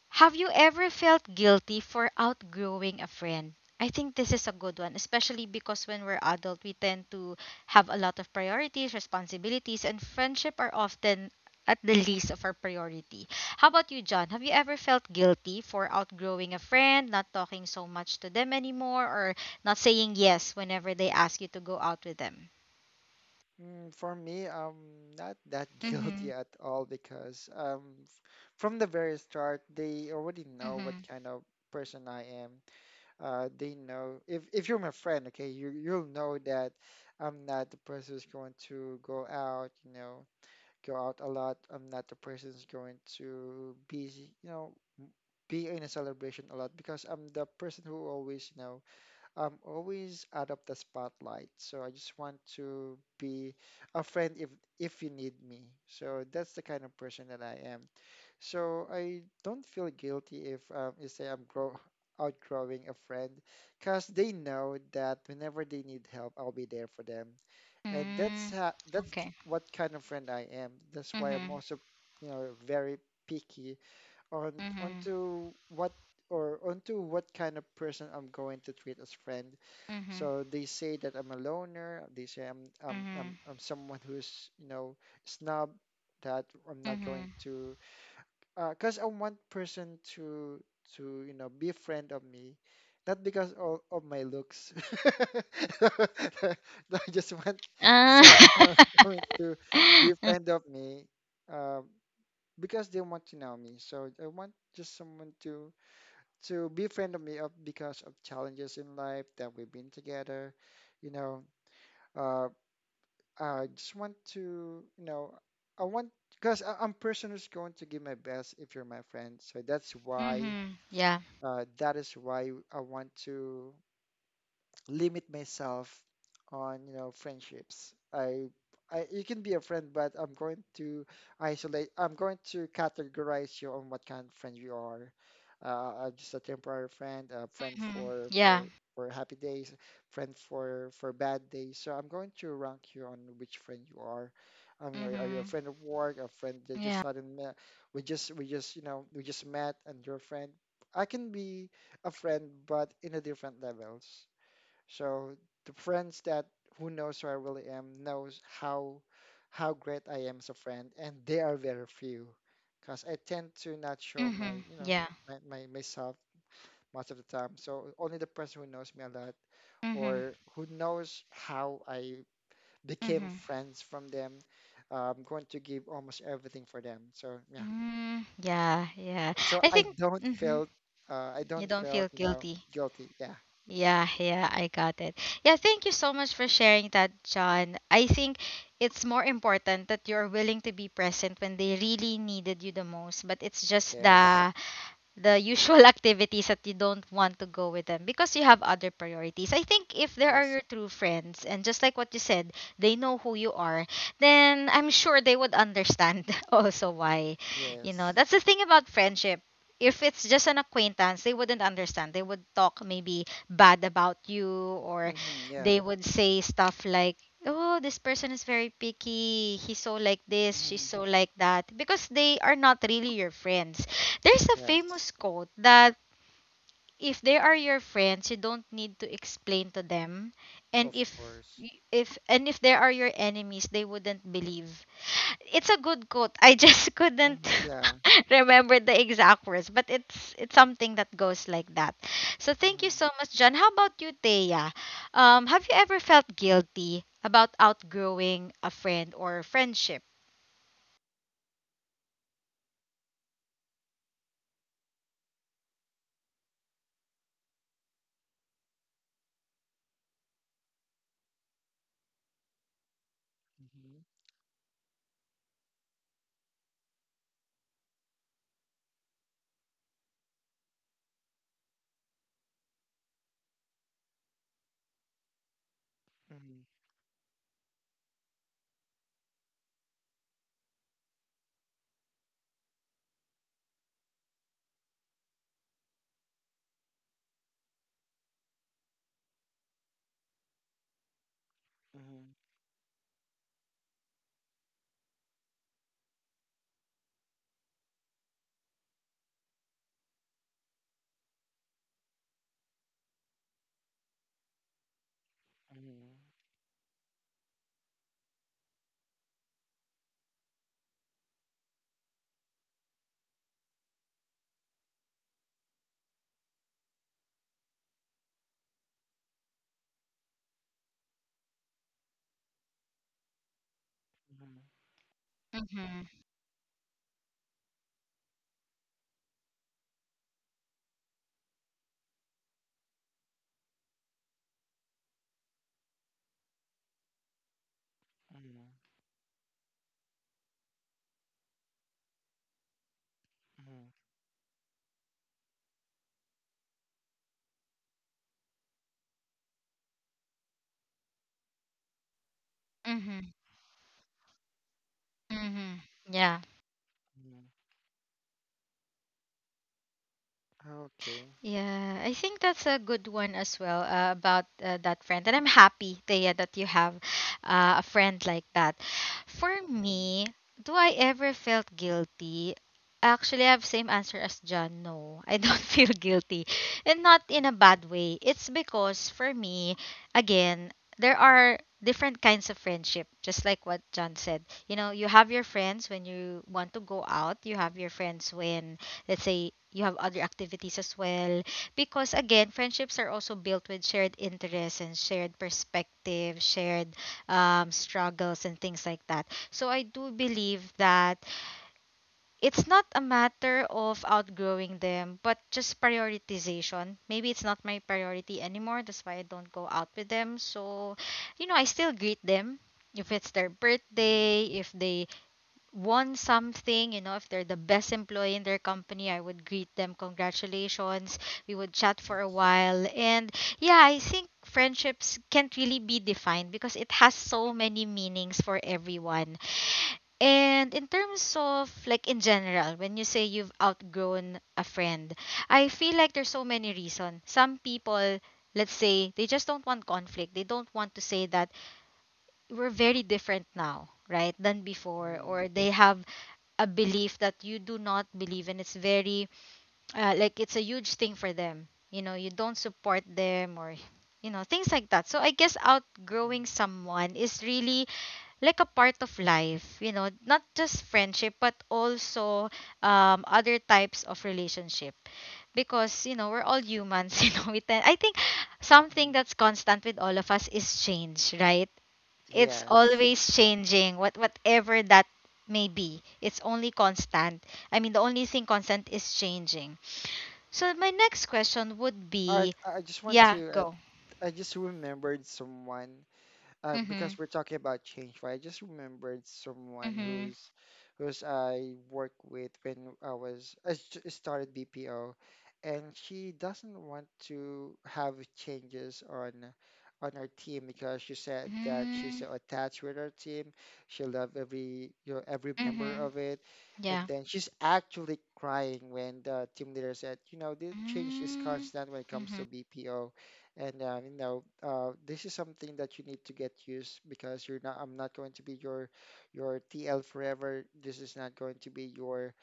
[SPEAKER 1] have you ever felt guilty for outgrowing a friend? I think this is a good one, especially because when we're adult, we tend to have a lot of priorities, responsibilities, and friendship are often at the least of our priority. How about you, John? Have you ever felt guilty for outgrowing a friend, not talking so much to them anymore, or not saying yes whenever they ask you to go out with them?
[SPEAKER 2] Mm, for me, I'm not that
[SPEAKER 1] Mm-hmm.
[SPEAKER 2] guilty at all because um, f- from the very start, they already know what
[SPEAKER 1] Mm-hmm.
[SPEAKER 2] kind of person I am. Uh, they know if if you're my friend, okay, you you'll know that I'm not the person who's going to go out, you know, go out a lot. I'm not the person who's going to be, you know, be in a celebration a lot because I'm the person who always, you know, I'm always out of the spotlight, so I just want to be a friend if if you need me. So that's the kind of person that I am. So I don't feel guilty if um, you say I'm grow outgrowing a friend, because they know that whenever they need help, I'll be there for them, and that's
[SPEAKER 1] Mm-hmm.
[SPEAKER 2] how that's k-
[SPEAKER 1] Okay.
[SPEAKER 2] what kind of friend I am. That's why I'm
[SPEAKER 1] Mm-hmm.
[SPEAKER 2] also, you know, very picky on
[SPEAKER 1] Mm-hmm.
[SPEAKER 2] onto what or onto what kind of person I'm going to treat as friend.
[SPEAKER 1] Mm-hmm.
[SPEAKER 2] So they say that I'm a loner. They say I'm I'm I'm,
[SPEAKER 1] Mm-hmm.
[SPEAKER 2] I'm someone who's you know snob. That I'm not going
[SPEAKER 1] Mm-hmm.
[SPEAKER 2] to, because I want person to to you know be friend of me, not because of, of my looks. I just want
[SPEAKER 1] Ah.
[SPEAKER 2] someone who's going to be
[SPEAKER 1] Mm.
[SPEAKER 2] friend of me, uh, because they want to know me. So I want just someone to to be friend of me up because of challenges in life that we've been together. You know, uh, I just want to, you know, I want because I'm person who's going to give my best if you're my friend. So that's why,
[SPEAKER 1] Mhm. Yeah.
[SPEAKER 2] uh, that is why I want to limit myself on, you know, friendships. I, I you can be a friend, but I'm going to isolate. I'm going to categorize you on what kind of friend you are. Uh, uh, just a temporary friend, a friend
[SPEAKER 1] Mhm.
[SPEAKER 2] for
[SPEAKER 1] Yeah.
[SPEAKER 2] for for happy days, friend for for bad days. So I'm going to rank you on which friend you are. I mean, are, are you a
[SPEAKER 1] Mhm.
[SPEAKER 2] friend of work, a friend that just
[SPEAKER 1] Yeah.
[SPEAKER 2] suddenly met? We just we just you know we just met and you're a friend. I can be a friend, but in a different levels. So the friends that who knows who I really am knows how how great I am as a friend, and they are very few, because I tend to not show my
[SPEAKER 1] Mhm.
[SPEAKER 2] you know
[SPEAKER 1] Yeah.
[SPEAKER 2] my, my myself most of the time. So only the person who knows me a lot
[SPEAKER 1] Mhm.
[SPEAKER 2] or who knows how I became
[SPEAKER 1] Mhm.
[SPEAKER 2] friends from them, I'm going to give almost everything for them. So yeah,
[SPEAKER 1] Mm. Yeah. Yeah.
[SPEAKER 2] so
[SPEAKER 1] I
[SPEAKER 2] I
[SPEAKER 1] think.
[SPEAKER 2] don't
[SPEAKER 1] Mhm.
[SPEAKER 2] feel uh, I
[SPEAKER 1] You
[SPEAKER 2] don't
[SPEAKER 1] don't
[SPEAKER 2] feel
[SPEAKER 1] feel
[SPEAKER 2] you know
[SPEAKER 1] guilty.
[SPEAKER 2] guilty. Yeah.
[SPEAKER 1] Yeah. Yeah. I got it. Yeah. Thank you so much for sharing that, John. I think it's more important that you're willing to be present when they really needed you the most. But it's just
[SPEAKER 2] Yes.
[SPEAKER 1] the the usual activities that you don't want to go with them because you have other priorities. I think if there are
[SPEAKER 2] Yes.
[SPEAKER 1] your true friends and just like what you said, they know who you are, then I'm sure they would understand also why. You know,
[SPEAKER 2] Yes.
[SPEAKER 1] that's the thing about friendship. If it's just an acquaintance, they wouldn't understand. They would talk maybe bad about you, or
[SPEAKER 2] Hmm.
[SPEAKER 1] they
[SPEAKER 2] Yeah.
[SPEAKER 1] would say stuff like, oh, this person is very picky. He's so like this, she's
[SPEAKER 2] Mm-hmm.
[SPEAKER 1] so like that. Because they are not really your friends, there's a
[SPEAKER 2] Yes,
[SPEAKER 1] famous quote that if they are your friends, you don't need to explain to them, and
[SPEAKER 2] of
[SPEAKER 1] if
[SPEAKER 2] course.
[SPEAKER 1] y- if and if they are your enemies, they wouldn't believe. It's a good quote. I just couldn't
[SPEAKER 2] Mm-hmm. Yeah.
[SPEAKER 1] remember the exact words, but it's it's something that goes like that. So thank you
[SPEAKER 2] Mm-hmm.
[SPEAKER 1] so much, John. How about you, Thea? Um, have you ever felt guilty about outgrowing a friend or friendship?
[SPEAKER 2] Mm-hmm. Mm-hmm. Mm-hmm. Mm-hmm.
[SPEAKER 1] Mm-hmm.
[SPEAKER 2] Mm-hmm. Mm-hmm.
[SPEAKER 1] Mm-hmm. Mm-hmm. Yeah.
[SPEAKER 2] Mm-hmm. Okay.
[SPEAKER 1] Yeah, I think that's a good one as well uh, about uh, that friend. And I'm happy, Thea, that you have uh, a friend like that. For
[SPEAKER 2] Mhm,
[SPEAKER 1] me, do I ever felt guilty? Actually, I have same answer as John. No, I don't feel guilty, and not in a bad way. It's because for me, again, there are different kinds of friendship. Just like what John said, you know, you have your friends when you want to go out. You have your friends when, let's say, you have other activities as well, because again, friendships are also built with shared interests and shared perspective, shared um, struggles and things like that. So I do believe that it's not a matter of outgrowing them, but just prioritization. Maybe it's not my priority anymore, that's why I don't go out with them. So, you know I still greet them if it's their
[SPEAKER 2] mhm,
[SPEAKER 1] birthday, if they won something, you know, if they're the best employee in their company, I would greet them, congratulations. We would chat for a
[SPEAKER 2] That's
[SPEAKER 1] while. And yeah, I think friendships can't really be defined because it has so many meanings for everyone. And in terms of, like, in general, when you say you've outgrown a friend, I feel like there's so many reasons. Some people, let's say, they just don't want conflict, they don't want to say that we're very different now, right, than before,
[SPEAKER 2] mhm,
[SPEAKER 1] or they have a belief that you do not believe and it's very, uh, like, it's a huge thing for them. You know you don't support them, or you know things like that. So I guess outgrowing
[SPEAKER 2] mhm,
[SPEAKER 1] someone is really like a part of life, you know not just friendship but also um, other types of relationship. Because you know we're all
[SPEAKER 2] that's
[SPEAKER 1] humans, you know we tend, I think something
[SPEAKER 2] mhm.
[SPEAKER 1] that's constant with all of us is change, right? It's
[SPEAKER 2] yes.
[SPEAKER 1] always changing, what whatever that may be. It's only constant. I mean, the only thing constant is changing. So my next question would
[SPEAKER 2] All right.
[SPEAKER 1] be.
[SPEAKER 2] I I just want
[SPEAKER 1] Yeah,
[SPEAKER 2] to add-
[SPEAKER 1] go.
[SPEAKER 2] I just remembered someone uh,
[SPEAKER 1] Mhm.
[SPEAKER 2] because we're talking about change, right? I just remembered someone
[SPEAKER 1] Mhm.
[SPEAKER 2] who's who's I worked with when I was I s- started B P O, and she doesn't want to have changes on on her team because she said that she's
[SPEAKER 1] Mhm.
[SPEAKER 2] so attached with her team. She loved every you know every member
[SPEAKER 1] Mhm.
[SPEAKER 2] of it. And
[SPEAKER 1] Yeah.
[SPEAKER 2] then she's actually crying when the team leader said, you know, the change is
[SPEAKER 1] Mm,
[SPEAKER 2] constant when it comes to
[SPEAKER 1] mhm.
[SPEAKER 2] B P O, and uh, you know, uh, this is something that you need to get used because you're not. I'm not going to be your your T L forever. This is not going to be your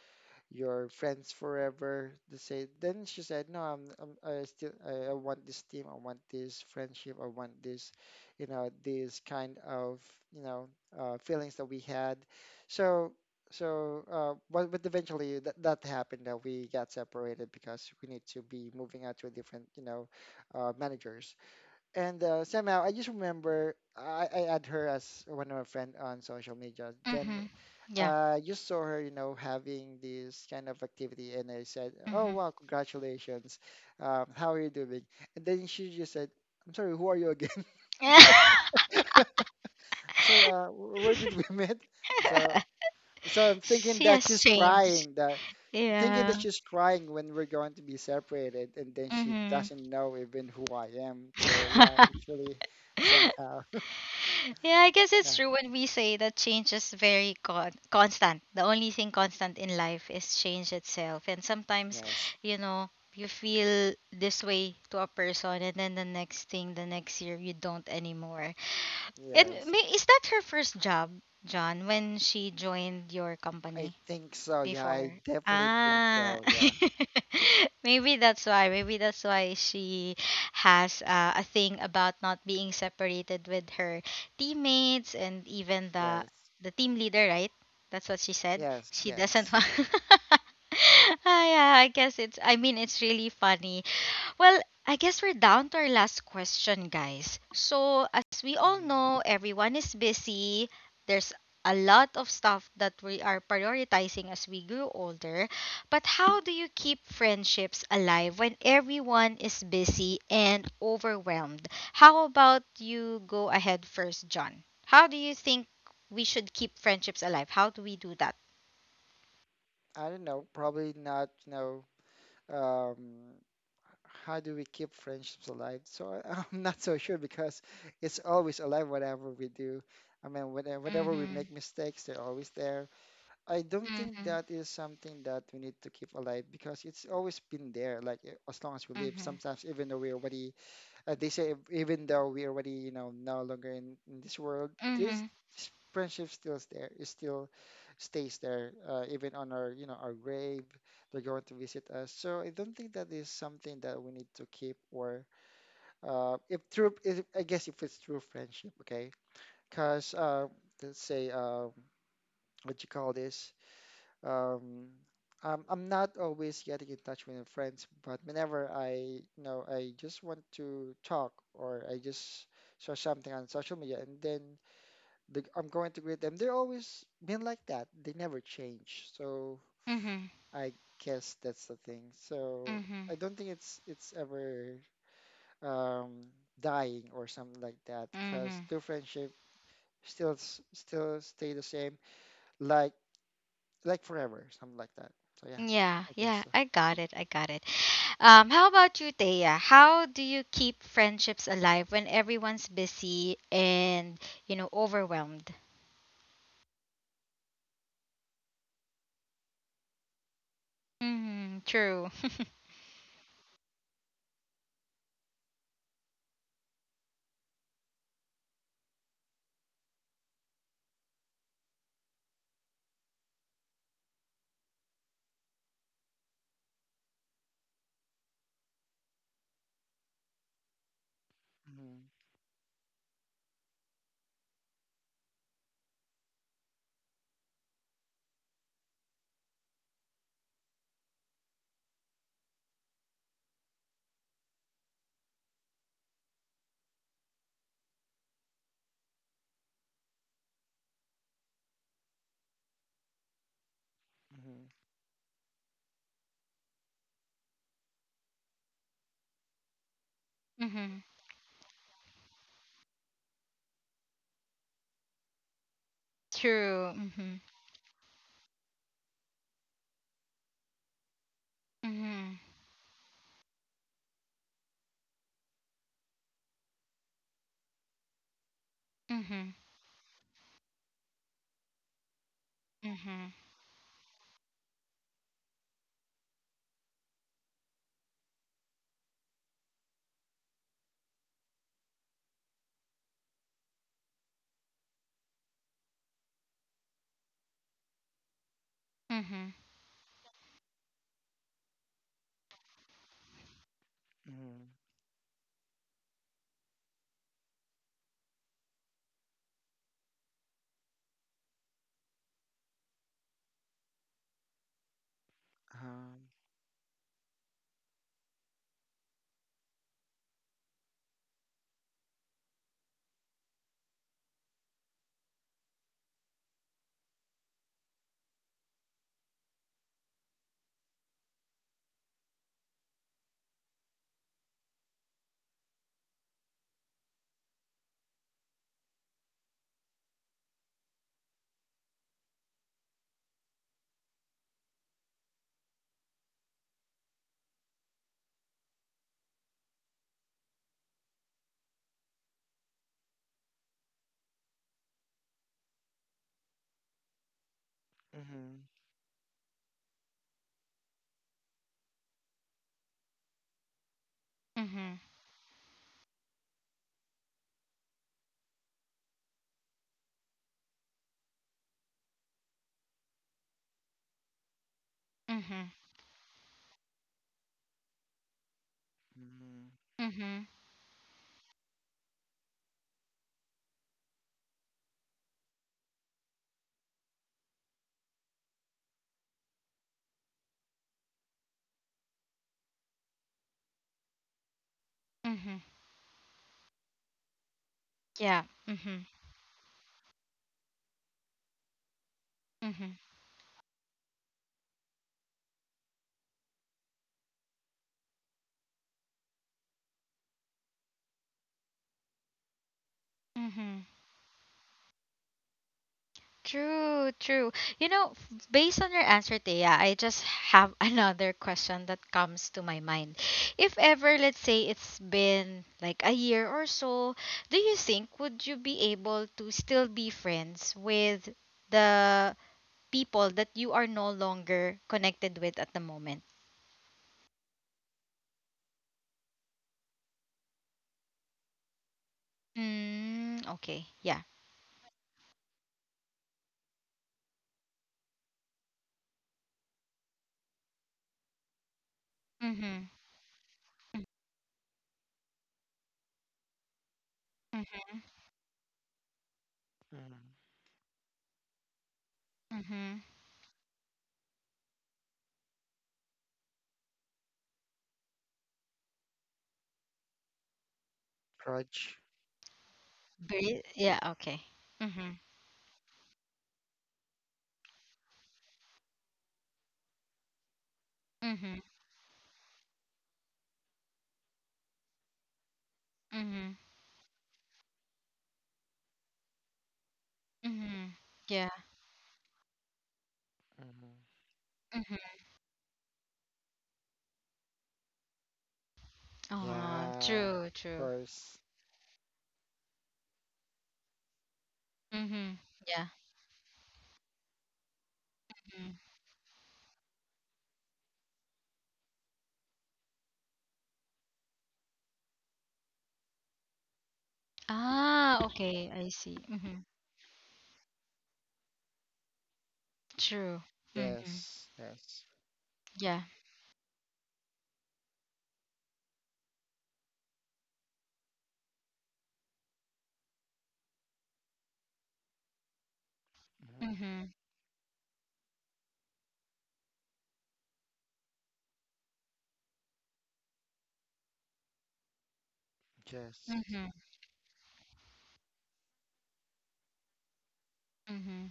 [SPEAKER 2] your friends forever, they say. Then she said, "No, I'm, I'm I still I, I want this team. I want this friendship. I want this, you know, this kind of you know uh, feelings that we had." So so uh, but but eventually that that happened, that we got separated because we need to be moving out to a different you know uh, managers. And uh, somehow I just remember I, I add her as one of my friend on social media. Then
[SPEAKER 1] Mhm. Yeah.
[SPEAKER 2] uh, just saw her, you know, having this kind of activity, and I said, "Oh
[SPEAKER 1] Mhm.
[SPEAKER 2] wow, congratulations! Um, how are you doing?" And then she just said, "I'm sorry, who are you again? I'm sorry, uh, wh- where did we meet?" So, so I'm thinking
[SPEAKER 1] She
[SPEAKER 2] that
[SPEAKER 1] has
[SPEAKER 2] she's
[SPEAKER 1] changed.
[SPEAKER 2] crying, that thinking
[SPEAKER 1] Yeah.
[SPEAKER 2] that she's crying when we're going to be separated, and then she
[SPEAKER 1] Mhm.
[SPEAKER 2] doesn't know even who I am. So yeah, it's really somehow,
[SPEAKER 1] Yeah, I guess it's
[SPEAKER 2] yeah,
[SPEAKER 1] true when we say that change is very con- constant. The only thing constant in life is change itself. And sometimes,
[SPEAKER 2] yes.
[SPEAKER 1] you know, you feel this way to a person, and then the next thing, the next year, you don't anymore. And
[SPEAKER 2] Yes,
[SPEAKER 1] may, is that her first job, John, when she joined your
[SPEAKER 2] I
[SPEAKER 1] company?
[SPEAKER 2] think so. Yeah, I
[SPEAKER 1] Before.
[SPEAKER 2] definitely think
[SPEAKER 1] Ah,
[SPEAKER 2] so. Yeah,
[SPEAKER 1] maybe that's why. Maybe that's why she has uh, a thing about not being separated with her teammates and even the
[SPEAKER 2] yes,
[SPEAKER 1] the team leader, right? That's what she said.
[SPEAKER 2] yes,
[SPEAKER 1] She doesn't
[SPEAKER 2] yes.
[SPEAKER 1] want. Ah, yeah, I guess it's. I mean, it's really funny. Well, I guess we're down to our last question, guys. So, as we all
[SPEAKER 2] Hmm.
[SPEAKER 1] know, everyone is busy. There's a lot of stuff that we are prioritizing as we grow older. But how do you keep friendships alive when everyone is busy and overwhelmed? How about you go ahead first, John? How do you think we should keep friendships alive? How do we do that?
[SPEAKER 2] I don't know, probably not, you know, um, how do we keep friendships alive? So I, I'm not so sure because it's always alive, whatever we do. I mean, whenever, whenever we make
[SPEAKER 1] Mm-hmm.
[SPEAKER 2] mistakes, they're always there. I don't think
[SPEAKER 1] Mm-hmm.
[SPEAKER 2] that is something that we need to keep alive because it's always been there, like eh, as long as we live.
[SPEAKER 1] Mm-hmm.
[SPEAKER 2] Sometimes, even though we already uh, they say ev- even though we already, you know, no longer in, in this world, this
[SPEAKER 1] Mm-hmm.
[SPEAKER 2] s- friendship still is there, it still stays there, uh, even on our, you know, our grave, they're going to visit us. So I don't think that is something that we need to keep, or uh, if true if, I guess, if it's true friendship. Okay, because uh, let's say, uh, what you call this um I'm, I'm not always getting in touch with my friends, but whenever I, you know, I just want to talk or I just saw something on social media, and then the, I'm going to greet them, they're always been like that, they never change. So
[SPEAKER 1] Mm-hmm.
[SPEAKER 2] I guess that's the thing. So I don't think it's it's ever um dying or something like that, because
[SPEAKER 1] Mm-hmm.
[SPEAKER 2] the friendship still s- still stay the same, like like forever, something like that. So yeah,
[SPEAKER 1] Yeah,
[SPEAKER 2] I guess
[SPEAKER 1] yeah,
[SPEAKER 2] so.
[SPEAKER 1] I got it. I got it. Um, how about you, Thea? How do you keep friendships alive when everyone's busy and, you know, overwhelmed? Mm-hmm, true.
[SPEAKER 2] Mhm, mhm,
[SPEAKER 1] Mm-hmm. True. Mm-hmm. Mm-hmm. Mm-hmm. Mm-hmm.
[SPEAKER 2] mhm, um, mhm,
[SPEAKER 1] Mm-hmm. Mm-hmm. Mm-hmm.
[SPEAKER 2] mhm,
[SPEAKER 1] Mm-hmm. Mm-hmm. Yeah. Mm-hmm. Mm-hmm. Mm-hmm. True, true. You know, f- based on your answer, Thea, I just have another question that comes to my mind. If ever, let's say, it's been like a year or so, do you think would you be able to still be friends with the people that you are no longer connected with at the moment? Mm, okay, yeah. Mm-hmm. Mm-hmm.
[SPEAKER 2] mhm.
[SPEAKER 1] Mm-hmm.
[SPEAKER 2] Grudge.
[SPEAKER 1] Very, yeah, okay. Mm-hmm. Mm-hmm. Mm-hmm. Mm-hmm.
[SPEAKER 2] Mhm.
[SPEAKER 1] Yeah. Ah,
[SPEAKER 2] Yeah,
[SPEAKER 1] true,
[SPEAKER 2] of
[SPEAKER 1] true.
[SPEAKER 2] course.
[SPEAKER 1] Mm-hmm. Yeah. Mm. Ah, okay, I see. Mm-hmm. True. Mm-hmm.
[SPEAKER 2] Yes, yes.
[SPEAKER 1] Yeah.
[SPEAKER 2] Mhm.
[SPEAKER 1] Mm-hmm.
[SPEAKER 2] Yes.
[SPEAKER 1] Mm-hmm. Mm-hmm.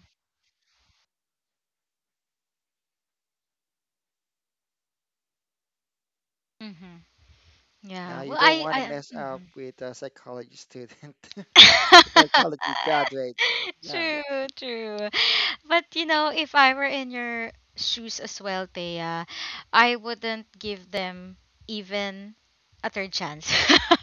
[SPEAKER 1] Mm-hmm. Yeah.
[SPEAKER 2] Yeah, you
[SPEAKER 1] Well,
[SPEAKER 2] don't
[SPEAKER 1] I,
[SPEAKER 2] want to
[SPEAKER 1] I,
[SPEAKER 2] mess up
[SPEAKER 1] mm-hmm.
[SPEAKER 2] with a psychology student, psychology graduate. Yeah.
[SPEAKER 1] True, true. But you know, if I were in your shoes as well, Thea, I wouldn't give them even a third chance.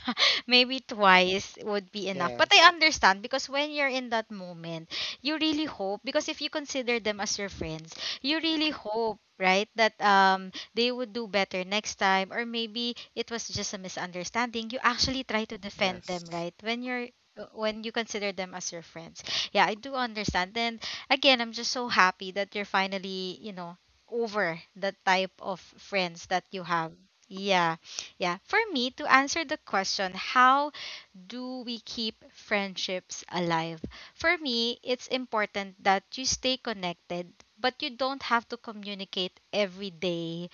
[SPEAKER 1] Maybe twice would be enough. But I
[SPEAKER 2] Yes,
[SPEAKER 1] understand, because when you're in that moment, you really hope, because if you consider them as your friends, you really hope, right, that um they would do better next time, or maybe it was just a misunderstanding. You actually try to defend them,
[SPEAKER 2] yes,
[SPEAKER 1] right? When you're, uh, when you consider them as your friends. Yeah, I do understand. And again, I'm just so happy that you're finally, you know, over the type of friends that you have. Yeah. Yeah. For me, to answer the question, how do we keep friendships alive? For me, it's important that you stay connected, but you don't have to communicate every day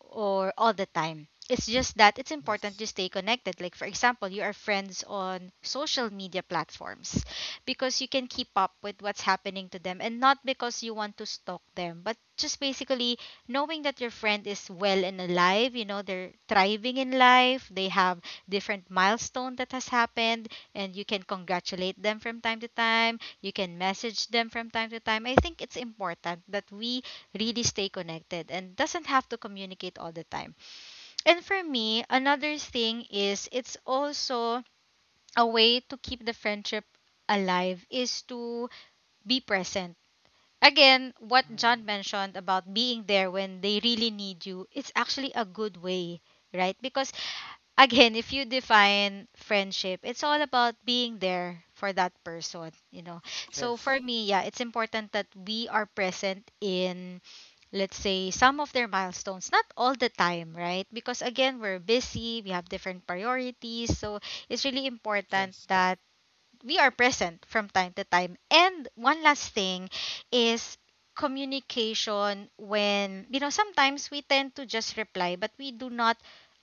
[SPEAKER 1] or all the time. It's just that it's important
[SPEAKER 2] yes.
[SPEAKER 1] to stay connected. Like, for example, you are friends on social media platforms because you can keep up with what's happening to them, and not because you want to stalk them, but just basically knowing that your friend is well and alive, you know, they're thriving in life, they have different milestone that has happened, and you can congratulate them from time to time, you can message them from time to time. I think it's important that we really stay connected and doesn't have to communicate all the time. And for me, another thing is it's also a way to keep the friendship alive is to be present. Again, what
[SPEAKER 2] Mm,
[SPEAKER 1] John mentioned about being there when they really need you, it's actually a good way, right? Because again, if you define friendship, it's all about being there for that person, you know. So for
[SPEAKER 2] yes,
[SPEAKER 1] me, yeah, it's important that we are present in, let's say, some of their milestones, not all the time, right? Because again, we're busy, we have different priorities, so it's really important
[SPEAKER 2] yes,
[SPEAKER 1] that we are present from time to time. And one last thing is communication. When you know sometimes we tend to just reply, but we do not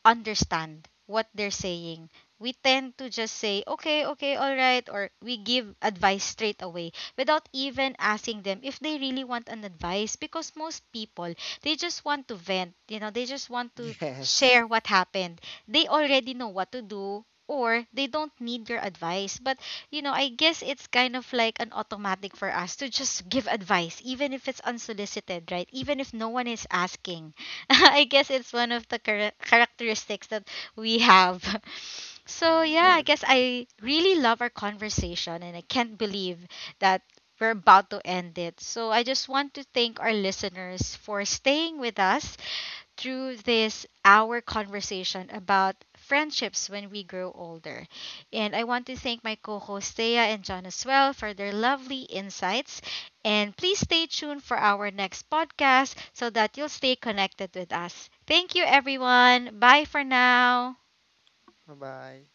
[SPEAKER 1] understand what they're saying. We tend to just say, okay, okay, all right, or we give advice straight away without even asking them if they really want an advice, because most people, they just want to vent, you know, they just want to
[SPEAKER 2] yes.
[SPEAKER 1] share what happened. They already know what to do, or they don't need your advice. But you know, I guess it's kind of like an automatic for us to just give advice, even if it's unsolicited, right? Even if no one is asking. I guess it's one of the chara- characteristics that we have. So,
[SPEAKER 2] Mm,
[SPEAKER 1] yeah, I
[SPEAKER 2] yeah.
[SPEAKER 1] guess I really love our conversation and I can't believe that we're about to end it. So, I just want to thank our listeners for staying with us through this our conversation about friendships when we grow older. And I want to thank my co-hosts Thea and John as well for their lovely insights. And please stay tuned for our next podcast so that you'll stay connected with us. Thank you everyone. Bye for now.
[SPEAKER 2] Bye-bye.